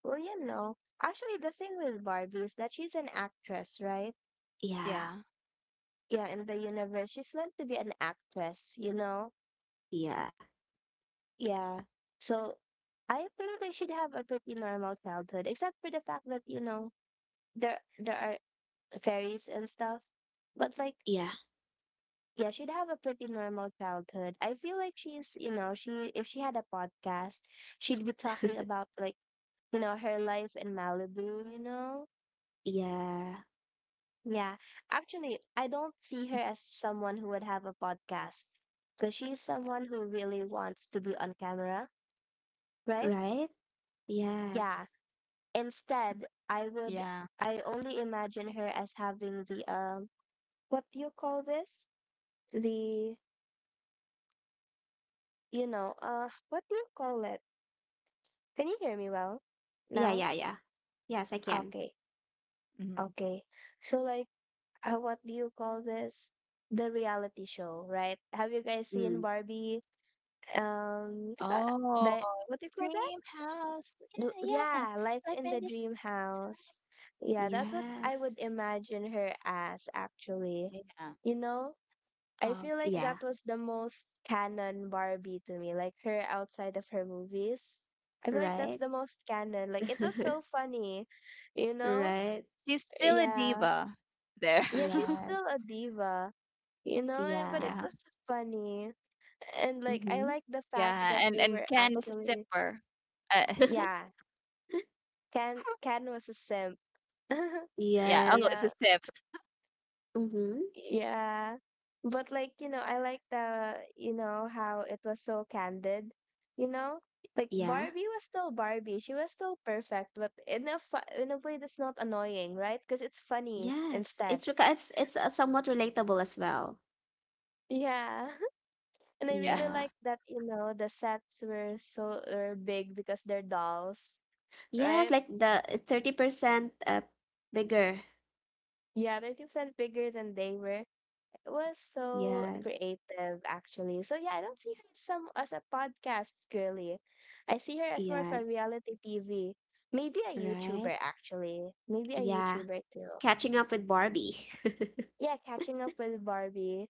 C: Well, you know, actually, the thing with Barbie is that she's an actress, right?
A: yeah
B: Yeah.
C: Yeah, in the universe, she's meant to be an actress, you know?
A: yeah
C: Yeah. So I think they should have a pretty normal childhood, except for the fact that, you know, there are fairies and stuff. But like,
A: yeah
C: yeah, she'd have a pretty normal childhood. I feel like she's, you know, she if she had a podcast, she'd be talking about you know, her life in Malibu, you know?
A: [LAUGHS] Yeah.
C: Yeah, actually, I don't see her as someone who would have a podcast because she's someone who really wants to be on camera, right?
A: Right?
C: Yeah.
A: Yes.
C: Instead,
B: Yeah.
C: I would, I only imagine her as having what do you call this? The, you know, what do you call it? Can you hear me well
A: Yeah,
C: now?
A: yeah, yeah. Yes, I can.
C: Okay,
B: hmm
C: okay. So, what do you call this? The reality show, right? Have you guys seen
A: Mm.
C: Barbie? What do you call that?
B: Oh,
C: What do you call that?
B: dream house. Yeah, yeah.
C: Yeah, life
B: Life
C: in the
B: ended.
C: dream house. Yeah, that's what I
A: Yes.
C: would imagine her as actually.
B: Yeah.
C: You know, I feel like
A: Yeah.
B: Okay.
C: that was the most canon Barbie to me, like her outside of her movies. I feel like that's
A: Right?
C: the most canon. Like it was so
A: [LAUGHS]
C: funny, you know?
A: Right?
B: She's still a
C: Yeah.
B: diva there.
C: Yeah, she's
B: [LAUGHS]
C: still a
A: Yes.
C: diva, you know but it
A: Yeah.
B: Yeah.
C: was funny, and like I
A: Mm-hmm.
C: like the fact
B: Yeah,
C: that
B: and
C: they were
B: Ken is a
C: actually
B: sipper. Uh,
A: [LAUGHS]
C: yeah. Can was a simp. [LAUGHS]
B: yeah. Oh,
A: Yes.
B: it's a
C: Yeah,
B: sip.
A: Mm-hmm.
C: yeah. But like, you know, I like the, you know, how it was so candid, you know? Like
A: Yeah.
C: Barbie was still Barbie. She was still perfect, but in a fu in a way that's not annoying, right? Because it's funny
A: Yes.
C: instead.
A: It's reca- it's somewhat relatable as well.
C: Yeah. [LAUGHS] And I
B: Yeah.
C: really
A: Yeah.
C: like that, you know, the sets were were big because they're dolls,
A: Yes,
C: right?
A: like the 30% bigger.
C: Yeah, 30% bigger than they were. It was so
A: Yes.
C: creative, actually. So yeah, I don't see her as some as a podcast girly. I see her as more of a
A: Yes.
C: reality TV. Maybe a
A: Right?
C: YouTuber, actually. Maybe a
A: Yeah.
C: YouTuber too.
A: Catching up with Barbie.
C: Yeah, catching up with Barbie.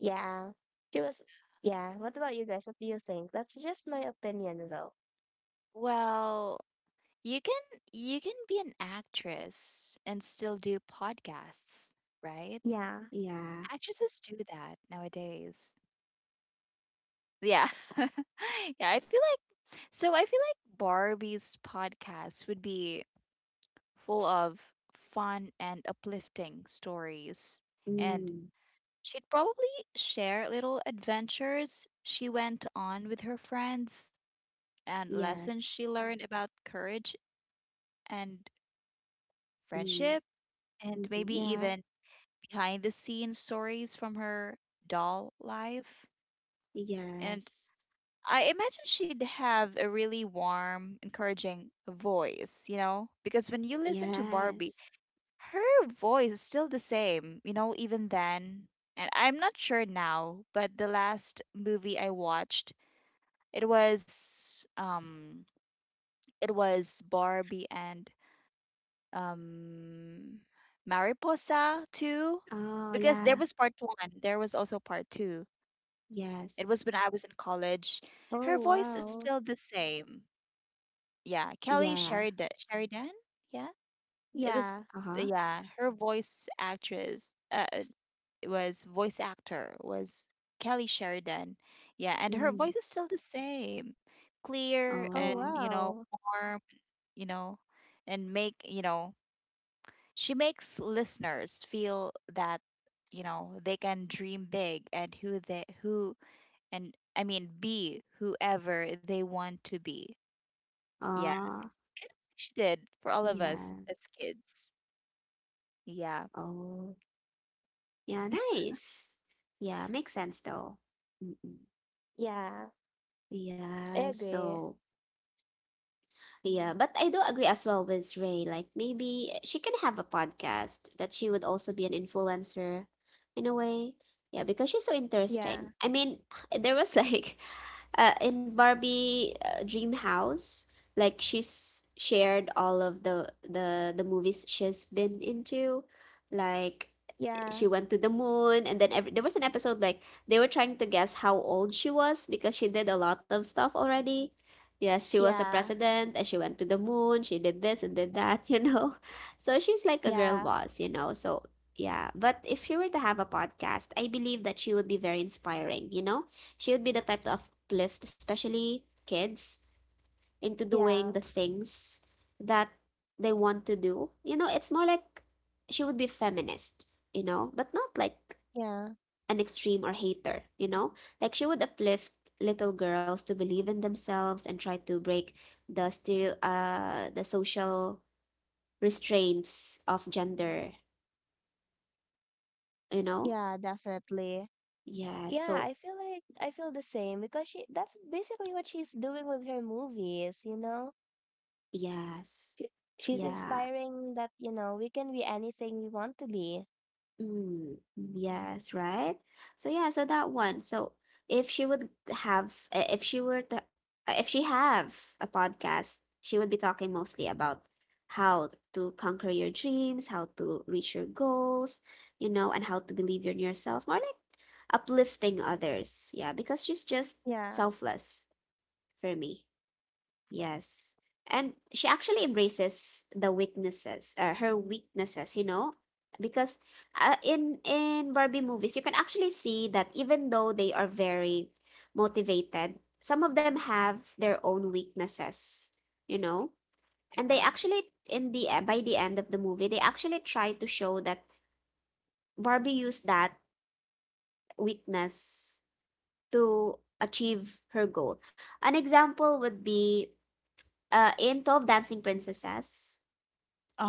C: Yeah, she was. Yeah. What about you guys? What do you think? That's just my opinion, though.
B: Well, you can you can be an actress and still do podcasts, right?
C: Yeah.
A: [LAUGHS] Yeah.
B: Actresses do that nowadays. Yeah. [LAUGHS] Yeah, I feel like Barbie's podcast would be full of fun and uplifting stories and
A: Mm.
B: She'd probably share little adventures she went on with her friends and lessons
A: Yes.
B: she learned about courage and
A: Mm.
B: friendship, and
A: Mm-hmm.
B: maybe
C: Yeah.
B: even behind the scenes stories from her doll life. And
A: Yes.
B: I imagine she'd have a really warm, encouraging voice, you know? Because when you listen to Barbie,
A: Yes.
B: her voice is still the same, you know, even then. And I'm not sure now, but the last movie I watched, It was um it was Barbie and um Mariposa too
A: Oh,
B: because there
A: yeah.
B: was part 1, there was also part 2. It
A: Yes.
B: was when I was in college. Her
C: Oh,
B: voice is
C: wow.
B: still the same. Yeah, Kelly
A: Yeah.
B: Sheridan Sheridan? Yeah. It was
C: Yeah.
A: Uh-huh.
B: yeah, her voice actress it was voice actor was Kelly Sheridan. Yeah, and her
A: Mm.
B: voice is still the same. Clear
C: Oh,
B: and,
A: Oh.
B: you know,
C: wow.
B: warm you know, and make, you know, she makes listeners feel that, you know, they can dream big and and I mean, be whoever they want to be. Yeah,
A: Oh.
B: she did for all of us as
A: Yes.
B: kids. Yeah.
A: Oh. Yeah, nice. Yeah, makes sense though. Mm-mm.
C: Yeah. I
A: Yeah,
C: agree.
A: so yeah, but I do agree as well with Ray. Like maybe she can have a podcast, but she would also be an influencer in a way. Yeah, because she's so
C: Yeah.
A: interesting. I mean, [LAUGHS] there was like, in Barbie, Dream House, like she's shared all of the movies she's been into, like she
C: Yeah.
A: went to the moon, and then every, there was an episode like they were trying to guess how old she was because she did a lot of stuff already. Yes, she was a
C: Yeah.
A: president, and she went to the moon, she did this and did that. [LAUGHS] You know, so she's like a girl
C: Yeah.
A: boss, you know. So yeah, but if she were to have a podcast, I believe that she would be very inspiring, you know. She would be the type to uplift especially kids into doing
C: Yeah.
A: the things that they want to do. You know, it's more like she would be feminist, you know, but not like
C: Yeah. Yeah.
A: an extreme or hater, you know? Like she would uplift little girls to believe in themselves and try to break the social restraints of gender, you know?
C: Yeah, definitely.
A: Yeah,
C: Yeah,
A: so
C: I feel like I feel the same because she that's basically what she's doing with her movies, you know?
A: yes.
C: She, she's
A: Yeah.
C: inspiring that, you know, we can be anything we want to be.
A: Mm, yes, right? So yeah, so that one. So if she would have, if she were to, if she have a podcast, she would be talking mostly about how to conquer your dreams, how to reach your goals, you know, and how to believe in yourself, more like uplifting others. Yeah, because she's just
C: Yeah,
A: selfless for me. Yes. And she actually embraces her weaknesses, you know, because in Barbie movies, you can actually see that even though they are very motivated, some of them have their own weaknesses, you know, and they
B: Yeah.
A: actually by the end of the movie, they actually try to show that Barbie used that weakness to achieve her goal. An example would be in 12 Dancing Princesses,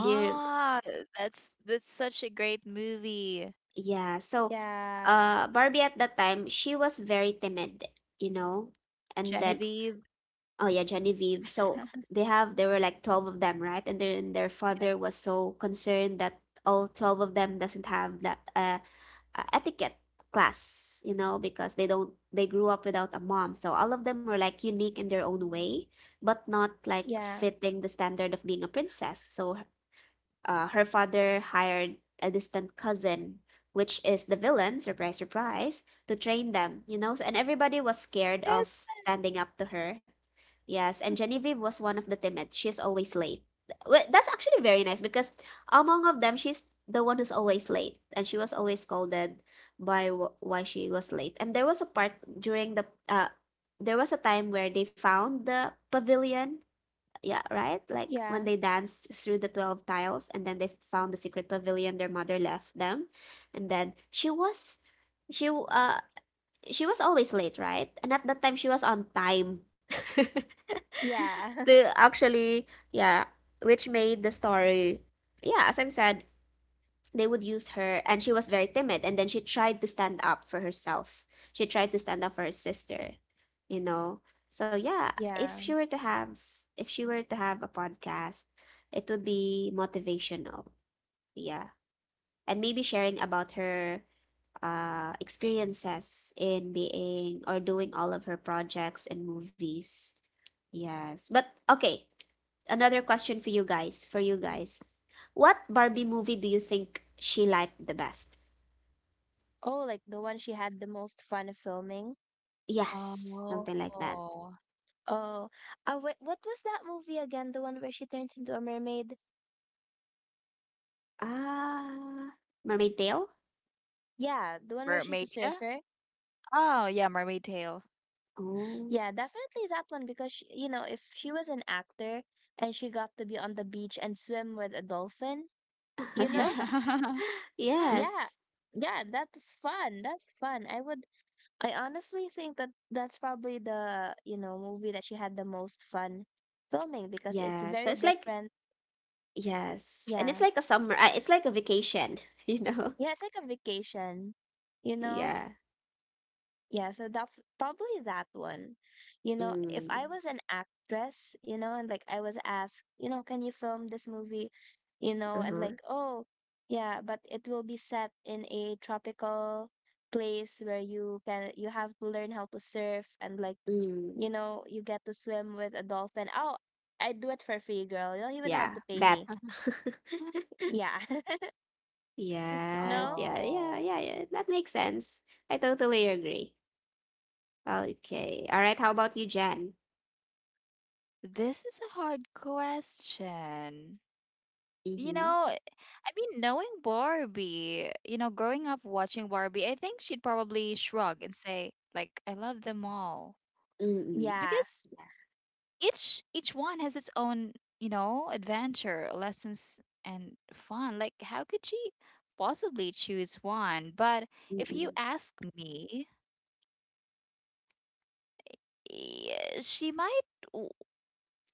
A: Dear,
B: that's such a great movie,
A: yeah. So,
C: yeah,
A: Barbie at that time, she was very timid, you know? And then,
B: Genevieve.
A: oh yeah, Genevieve. So they have, there were like 12 of them, right? And then their father
B: [LAUGHS]
A: was so concerned that all 12 of them doesn't have that etiquette class, you know, because they don't, they grew up without a mom. So all of them were like unique in their own way, but not like
C: yeah,
A: fitting the standard of being a princess. So her father hired a distant cousin, which is the villain, surprise, surprise, to train them, you know? And everybody was scared
B: Yes.
A: of standing up to her. Yes, and Genevieve was one of the timid. She's always late. Well, that's actually very nice because among of them, she's the one who's always late, and she was always scolded by why she was late. And there was a part during the, there was a time where they found the pavilion, yeah, right? Like when
C: yeah,
A: they danced through the 12 tiles and then they found the secret pavilion their mother left them. And then she w- uh she was always late, right? And at that time she was on time. [LAUGHS]
C: yeah,
A: To actually, yeah, which made the story, yeah, as I've said, they would use her, and she was very timid, and then she tried to stand up for herself, she tried to stand up for her sister, you know. So yeah,
C: [LAUGHS] yeah.
A: if she were to have if she were to have a podcast, it would be motivational, yeah, and maybe sharing about her experiences in being or doing all of her projects and movies. Yes, but okay, another question for you guys, what Barbie movie do you think she liked the best?
C: Oh, like the one she had the most fun filming.
A: Yes,
B: Oh,
A: something like that.
C: Oh, wait, what was that movie again? The one where she turns into a mermaid?
A: Ah, Mermaid Tail?
C: Yeah, the one where she's a
B: Mermaid. Yeah.
C: surfer.
B: Oh, yeah, Mermaid Tale.
A: Oh.
C: Yeah, definitely that one because sh you know, if she was an actor and she got to be on the beach and swim with a dolphin, you
B: Yeah.
C: know?
A: [LAUGHS]
C: Yeah.
A: Yes.
C: Yeah, that's fun. That's fun. I honestly think that that's probably the, you know, movie that she had the most fun filming because it's
A: Yes. So
C: very
A: it's like,
C: different.
A: yes, and it's
C: Yeah.
A: like a summer. It's like a vacation, [LAUGHS] you know?
C: Yeah, it's like a vacation, you know?
A: Yeah.
C: Yeah, so that probably that one. You know, if I
A: Mm.
C: was an actress, you know, and like I was asked, you know, can you film this movie? You know, and
A: Uh-huh.
C: like, oh, yeah, but it will be set in a tropical place where you have to learn how to surf and like,
A: Mm.
C: you know, you get to swim with a dolphin. Oh, I do it for free, girl. You don't even have
A: Yeah.
C: to pay
A: Bat.
C: me.
B: [LAUGHS]
A: [LAUGHS]
C: Yeah. [LAUGHS] You
A: Yes.
C: know?
A: Yeah. Yeah.
B: Oh,
A: Yeah. Yeah. That makes sense. I totally agree. Okay. All right. How about you, Jen?
B: this is a hard question. You know,
A: Mm-hmm.
B: I mean, knowing Barbie, you know, growing up watching Barbie, I think she'd probably shrug and say, like, I love them all.
A: Mm-mm.
C: Yeah.
B: Because each one has its own, you know, adventure, lessons, and fun. Like, how could she possibly choose one? But if you
A: Mm-mm.
B: ask me, yeah, she might w-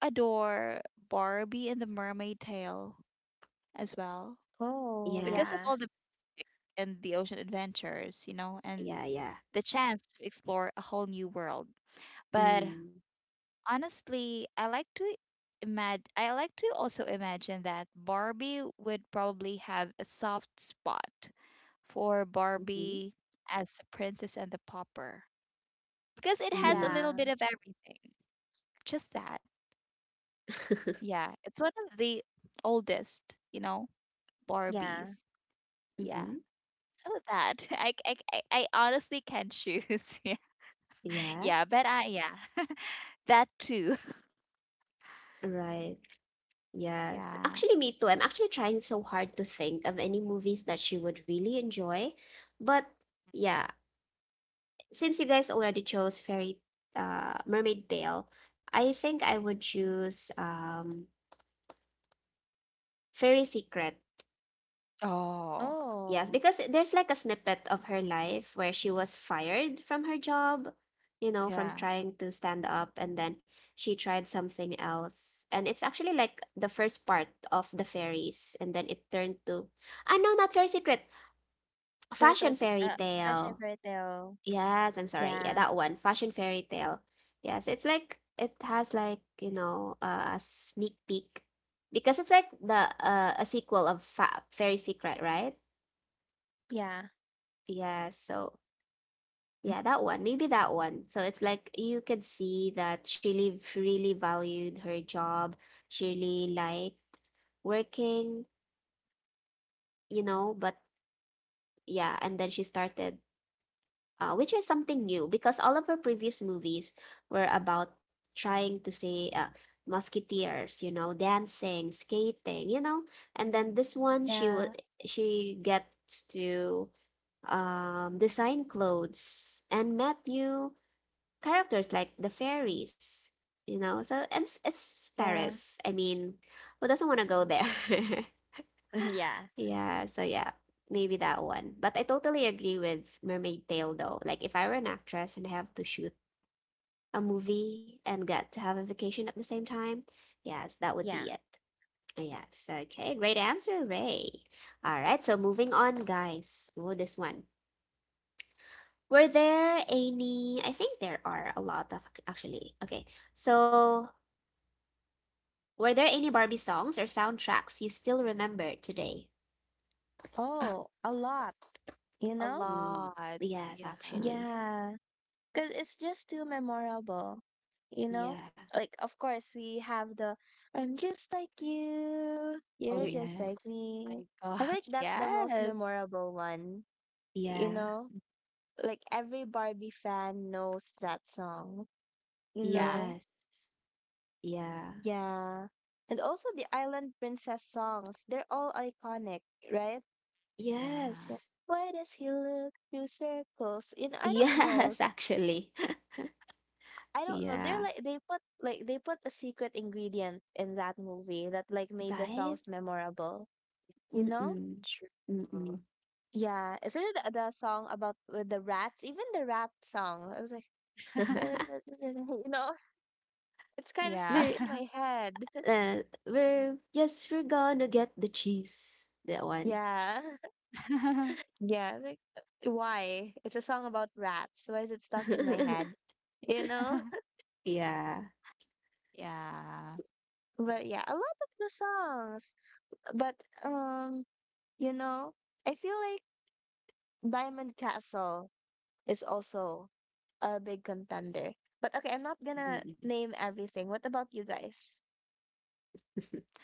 B: adore Barbie and the Mermaid Tale as well
C: Oh,
B: because of
C: yeah.
B: all
A: Yes.
B: the music and the ocean adventures, you know, and
A: Yeah. Yeah.
B: the chance to explore a whole new world. But
A: Mm.
B: honestly, I like to also imagine that Barbie would probably have a soft spot for
A: Mhm.
B: Barbie as the Princess and the Pauper because it has a
A: Mm.
B: little
C: Yeah.
B: bit of everything. Just that.
A: [LAUGHS]
B: Yeah, it's one of the oldest, you know,
C: Yeah.
B: Barbies. Yeah.
A: Mhm.
B: Oh, that [LAUGHS] I honestly can not choose. [LAUGHS] Yeah,
A: Yeah.
B: yeah, but I yeah, [LAUGHS] that too.
A: Right.
B: [LAUGHS]
A: Yes.
B: Yeah.
A: Actually, me too. I'm actually trying so hard to think of any movies that she would really enjoy. But yeah, since you guys already chose Fairy Mermaid Tale, I think I would choose Fairy Secret.
B: Oh,
A: Yes,
C: Oh.
A: because there's like a snippet of her life where she was fired from her job, you know, from
B: yeah.
A: trying to stand up, and then she tried something else. And it's actually like the first part of the fairies, and then it turned to, ah, no, not fairy secret,
C: Fairy tale
A: fashion
C: pe
A: fairy
C: Russian
A: tale.
C: fairy tale.
B: Mhm,
A: Yes, I'm sorry. Yeah,
C: Yeah,
A: that one, fashion fairy tale. Yes, it's like it has like, you know, a sneak peek because it's like the a sequel of fa fairy secret, right?
C: yeah,
A: Yeah, so. Yeah, that one. Maybe that one. So it's like you could see that she really valued her job. She really liked working, you know, but yeah, and then she started, which is something new because all of her previous movies were about trying to say musketeers, you know, dancing, skating, you know, and then this one
C: yeah,
A: she gets to design clothes and met new characters like the fairies, you know. So it's
C: yeah,
A: Paris. I mean, who doesn't want to go there?
C: [LAUGHS] yeah,
A: [LAUGHS] Yeah. So yeah, maybe that one. But I totally agree with Mermaid Tale though. Like if I were an actress and I have to shoot a movie and get to have a vacation at the same time, yes, that would
C: yeah.
A: be it. Yes. Okay. Great answer, Ray. All right. So moving on, guys. Oh, this one. Were there any? I think there are a lot of actually. Okay. So, were there any Barbie songs or soundtracks you still remember today?
B: mhm. [SIGHS]
C: Oh,
B: [LAUGHS]
C: a lot, you
B: A
C: know?
A: Mm,
B: lot.
A: yes,
B: Yeah.
A: actually.
C: Yeah, because it's just too memorable, you know?
A: Yeah,
C: Like, of course, we have the I'm just like you,
B: Oh
C: you're just
A: yeah,
C: like
B: my
C: me.
B: [LAUGHS]
C: I think
B: gosh.
C: that's the most
B: Yes.
C: memorable one, you
A: yeah,
C: know?
B: Mm,
C: Like, every Barbie fan knows that song, you
B: Yeah.
C: know?
A: yes, yeah,
C: Yeah. And also the Island Princess songs, they're all iconic, right? Yeah.
B: Yeah.
A: yes,
C: Why does he look through circles? You know,
A: [LAUGHS]
C: I don't know.
A: yes,
C: So-
A: actually. [LAUGHS]
C: I don't know. They're
A: Yeah,
C: like they put they put a secret ingredient in that movie that like made the
A: right?
C: songs memorable, you know?
A: Mm-mm, mm-mm.
B: True.
C: Yeah, especially the song about with the rats, even the rat song. I was like, [LAUGHS]
B: [LAUGHS]
A: [LAUGHS]
C: you know, it's kind of
B: Yeah.
C: stuck
A: We're,
C: in my head. [LAUGHS]
A: yes, we're gonna get the cheese. That one.
C: Yeah.
B: [LAUGHS]
C: Yeah, why? It's a song about rats. Why is it stuck in my head?
A: [LAUGHS]
C: You know?
A: Yeah.
B: Yeah.
C: [LAUGHS] But yeah, a lot of the songs. But um, you know, I feel like Diamond Castle is also a big contender. But okay, I'm not
B: Mm.
C: gonna
A: Mm-mm.
C: name everything. What about you guys?
A: [LAUGHS]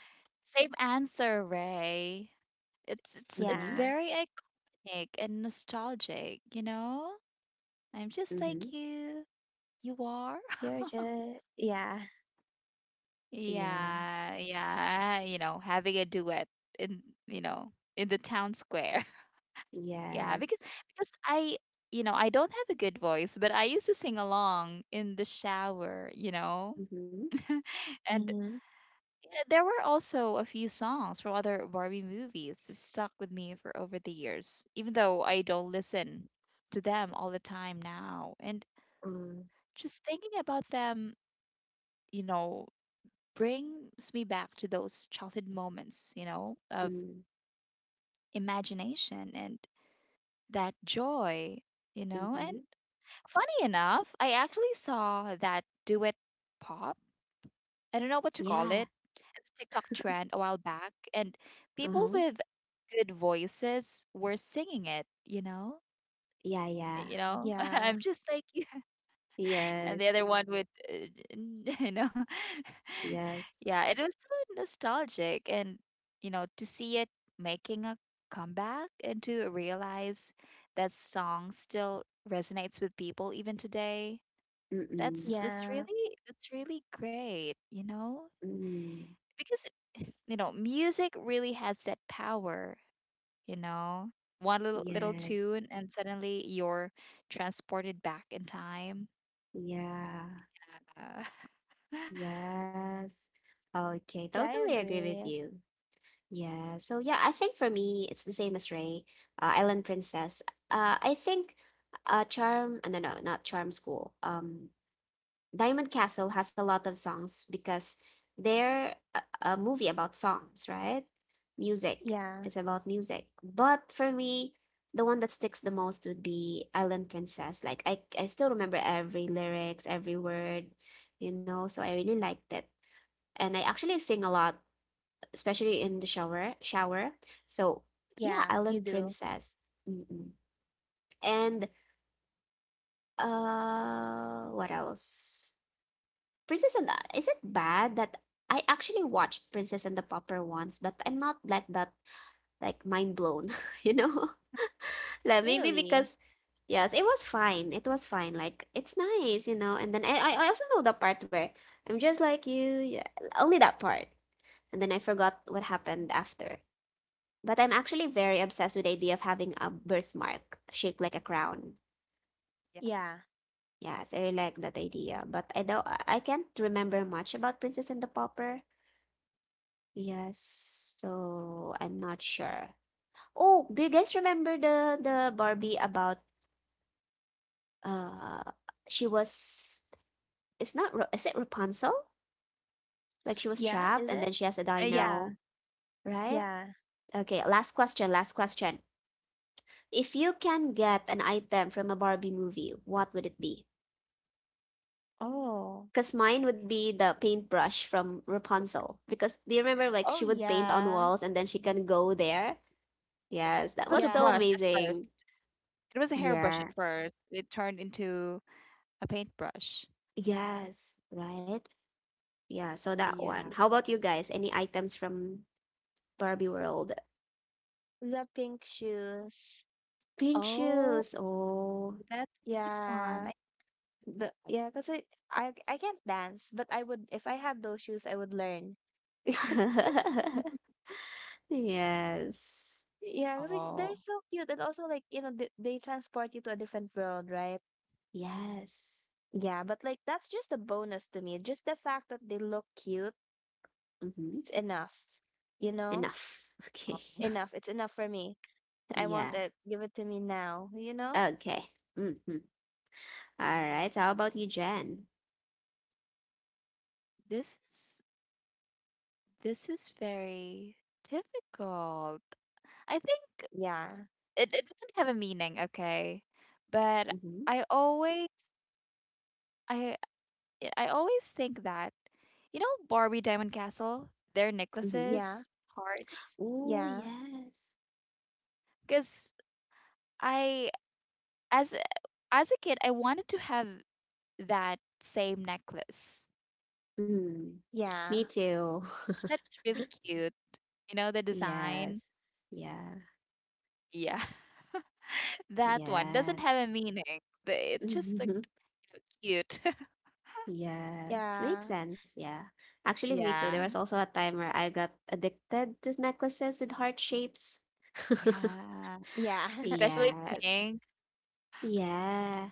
B: Same answer, Ray. It's
A: Mm-hmm.
C: Yeah,
B: very iconic and nostalgic, you know? I'm just like
A: Mm-hmm.
B: you. You are? [LAUGHS]
C: you're just yeah.
A: Yeah.
B: Yeah, yeah. You know, having a duet in, you know, in the town square. [LAUGHS] Yeah,
A: Yes.
B: because you know, I don't have a good voice, but I used to sing along in the shower, you know.
A: Mhm.
B: [LAUGHS] And
C: Mm-hmm.
B: yeah, there were also a few songs from other Barbie movies that stuck with me for over the years, even though I don't listen to them all the time now. And
A: Uh,
B: just thinking about them, you know, brings me back to those childhood moments, you know, of
A: mm,
B: imagination and that joy, you know. And
A: mhm.
B: funny enough, I actually saw that do it pop. I don't know what to call
A: Yeah.
B: it. It's a TikTok trend a while back, and people
A: Uh-huh.
B: with good voices were singing it, you know.
A: Yeah, yeah.
B: You know, [LAUGHS]
C: Yeah.
B: I'm just like, and the other
A: Yes.
B: one would [LAUGHS] you know [LAUGHS]
A: Yes.
B: yeah it was so nostalgic and you know to see it making a comeback and to realize that song still resonates with people even today
A: Mm-mm.
B: that's
C: Yeah.
B: really that's really great you know
A: Mm.
B: because [SIGHS] [LAUGHS] you know music really has that power you know one little
A: Yes.
B: tune and suddenly you're transported back in time
A: Yeah.
B: uh,
A: Yes. Okay,
C: Yeah, I
A: totally agree with
C: agree.
A: you. Yeah. So yeah, I think for me it's the same as Ray, Island Princess. I think charm, no, no, not charm school. Diamond Castle has a lot of songs because they're a movie about songs, right? Music.
C: Yeah.
A: It's about music. But for me, the one that sticks the most would be Island Princess. Like I still remember every lyrics, every word, you know, so I really liked it. And I actually sing a lot, especially in the shower, shower. So yeah,
C: Yeah, you
A: Island
C: do.
A: Princess. Mm-mm. And what else? Princess and the, is it bad that I actually watched Princess and the Pauper once, but I'm not like that, like mind blown, [LAUGHS] you know? [LAUGHS] Like maybe
C: Really?
A: because yes, it was fine. It was fine. Like it's nice, you know. And then I also know the part where I'm just like you, yeah, only that part. And then I forgot what happened after. But I'm actually very obsessed with the idea of having a birthmark shaped like a crown.
B: [LAUGHS]
C: Yeah.
A: Yes, I really like that idea. But I don't I can't remember much about Princess and the Pauper. Yes, so I'm not sure. Oh, do you guys remember the Barbie about uh she was it's not Ra- is it Rapunzel? Like she was
C: Yeah,
A: trapped
C: is
A: and then
C: it?
A: she has a
B: Yeah,
C: Yeah,
A: dino, right?
B: yeah.
C: yeah.
A: Okay, last question, last question. If you can get an item from a Barbie movie, what would it be?
C: Oh,
A: Because mine would be the paintbrush from Rapunzel. Because do you remember like
C: oh
A: she would paint on
C: yeah,
A: walls and then she can go there? Yes,
B: It
A: that was
B: was a
A: so
B: brush
C: yeah.
B: at
A: amazing.
B: first. It was a hairbrush at
A: Yeah.
B: first. It turned into a paintbrush.
A: Yes, right? Yeah, so that one.
B: Yeah.
A: How about you guys? Any items from Barbie World?
C: The pink shoes.
A: Pink
B: Oh,
A: shoes. Oh. [LAUGHS]
B: that's a good one.
C: Yeah.
B: I
C: The
B: thought,
C: yeah, I can't dance, but I would if I had those shoes, I would learn. [LAUGHS]
A: Yes.
C: Yeah, because like they're
B: oh,
C: so cute, and also like you know they transport you to a different world, right?
A: Yes.
C: Yeah, but like that's just a bonus to me. Just the fact that they look cute,
A: Mm-hmm.
C: it's enough. You know,
A: Enough. [LAUGHS]
B: oh,
A: Okay.
C: enough. It's enough for me. I want
A: Yeah.
C: it. Give it to me now. You know?
A: Okay. Mm-hmm. All right. How about you, Jen?
B: this is very difficult. I think
C: Yeah,
B: it doesn't have a meaning, okay? But
A: Mm-hmm.
B: I always I I always think that you know Barbie Diamond Castle, their
A: Mm-hmm.
C: yeah.
B: necklaces, hearts,
A: Oh,
C: Yeah,
A: yes.
B: because I as as a kid, I wanted to have that same necklace.
A: Mm. Me
C: yeah,
A: too.
B: I thought it's really cute. You know, the
A: [LAUGHS] Yes.
B: design.
A: Yeah.
B: Yeah. [LAUGHS] That one
A: Yes.
B: doesn't have a meaning. But it just looked
A: [LAUGHS]
B: cute. [LAUGHS]
A: Yes, makes
C: yeah,
A: sense, yeah. Actually, me too. There
B: Yeah.
A: was also a time where I got addicted to necklaces with heart shapes. [LAUGHS]
B: Yeah.
C: yeah, [LAUGHS]
B: Especially
A: Yes.
B: pink.
A: Yeah.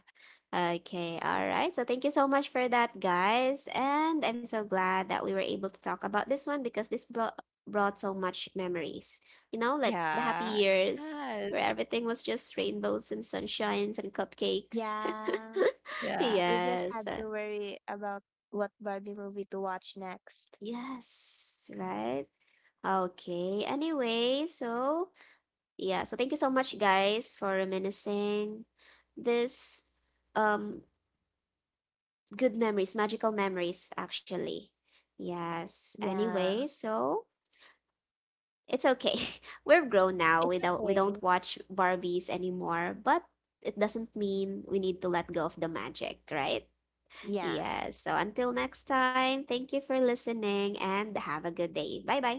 A: Okay. All right. So thank you so much for that, guys. And I'm so glad that we were able to talk about this one because this brought so much memories. You know, like the happy
B: Yeah. It
A: years
B: does.
A: where everything was just rainbows and sunshines and cupcakes. [LAUGHS]
C: yeah.
B: Yeah.
C: We just
A: Yes.
C: had to worry about what Barbie movie to watch next.
A: Yes, right? Okay. Anyway, so yeah, so thank you so much, guys, for reminiscing this um good memories, magical memories, actually. Yes. Anyway,
C: Yeah,
A: so it's okay. [LAUGHS] We're grown now.
C: it's
A: We don't
C: okay.
A: watch Barbies anymore, but it doesn't mean we need to let go of the magic, right?
C: Yeah,
A: Yes. So until next time, thank you for listening and have a good day. Bye bye.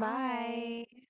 C: bye.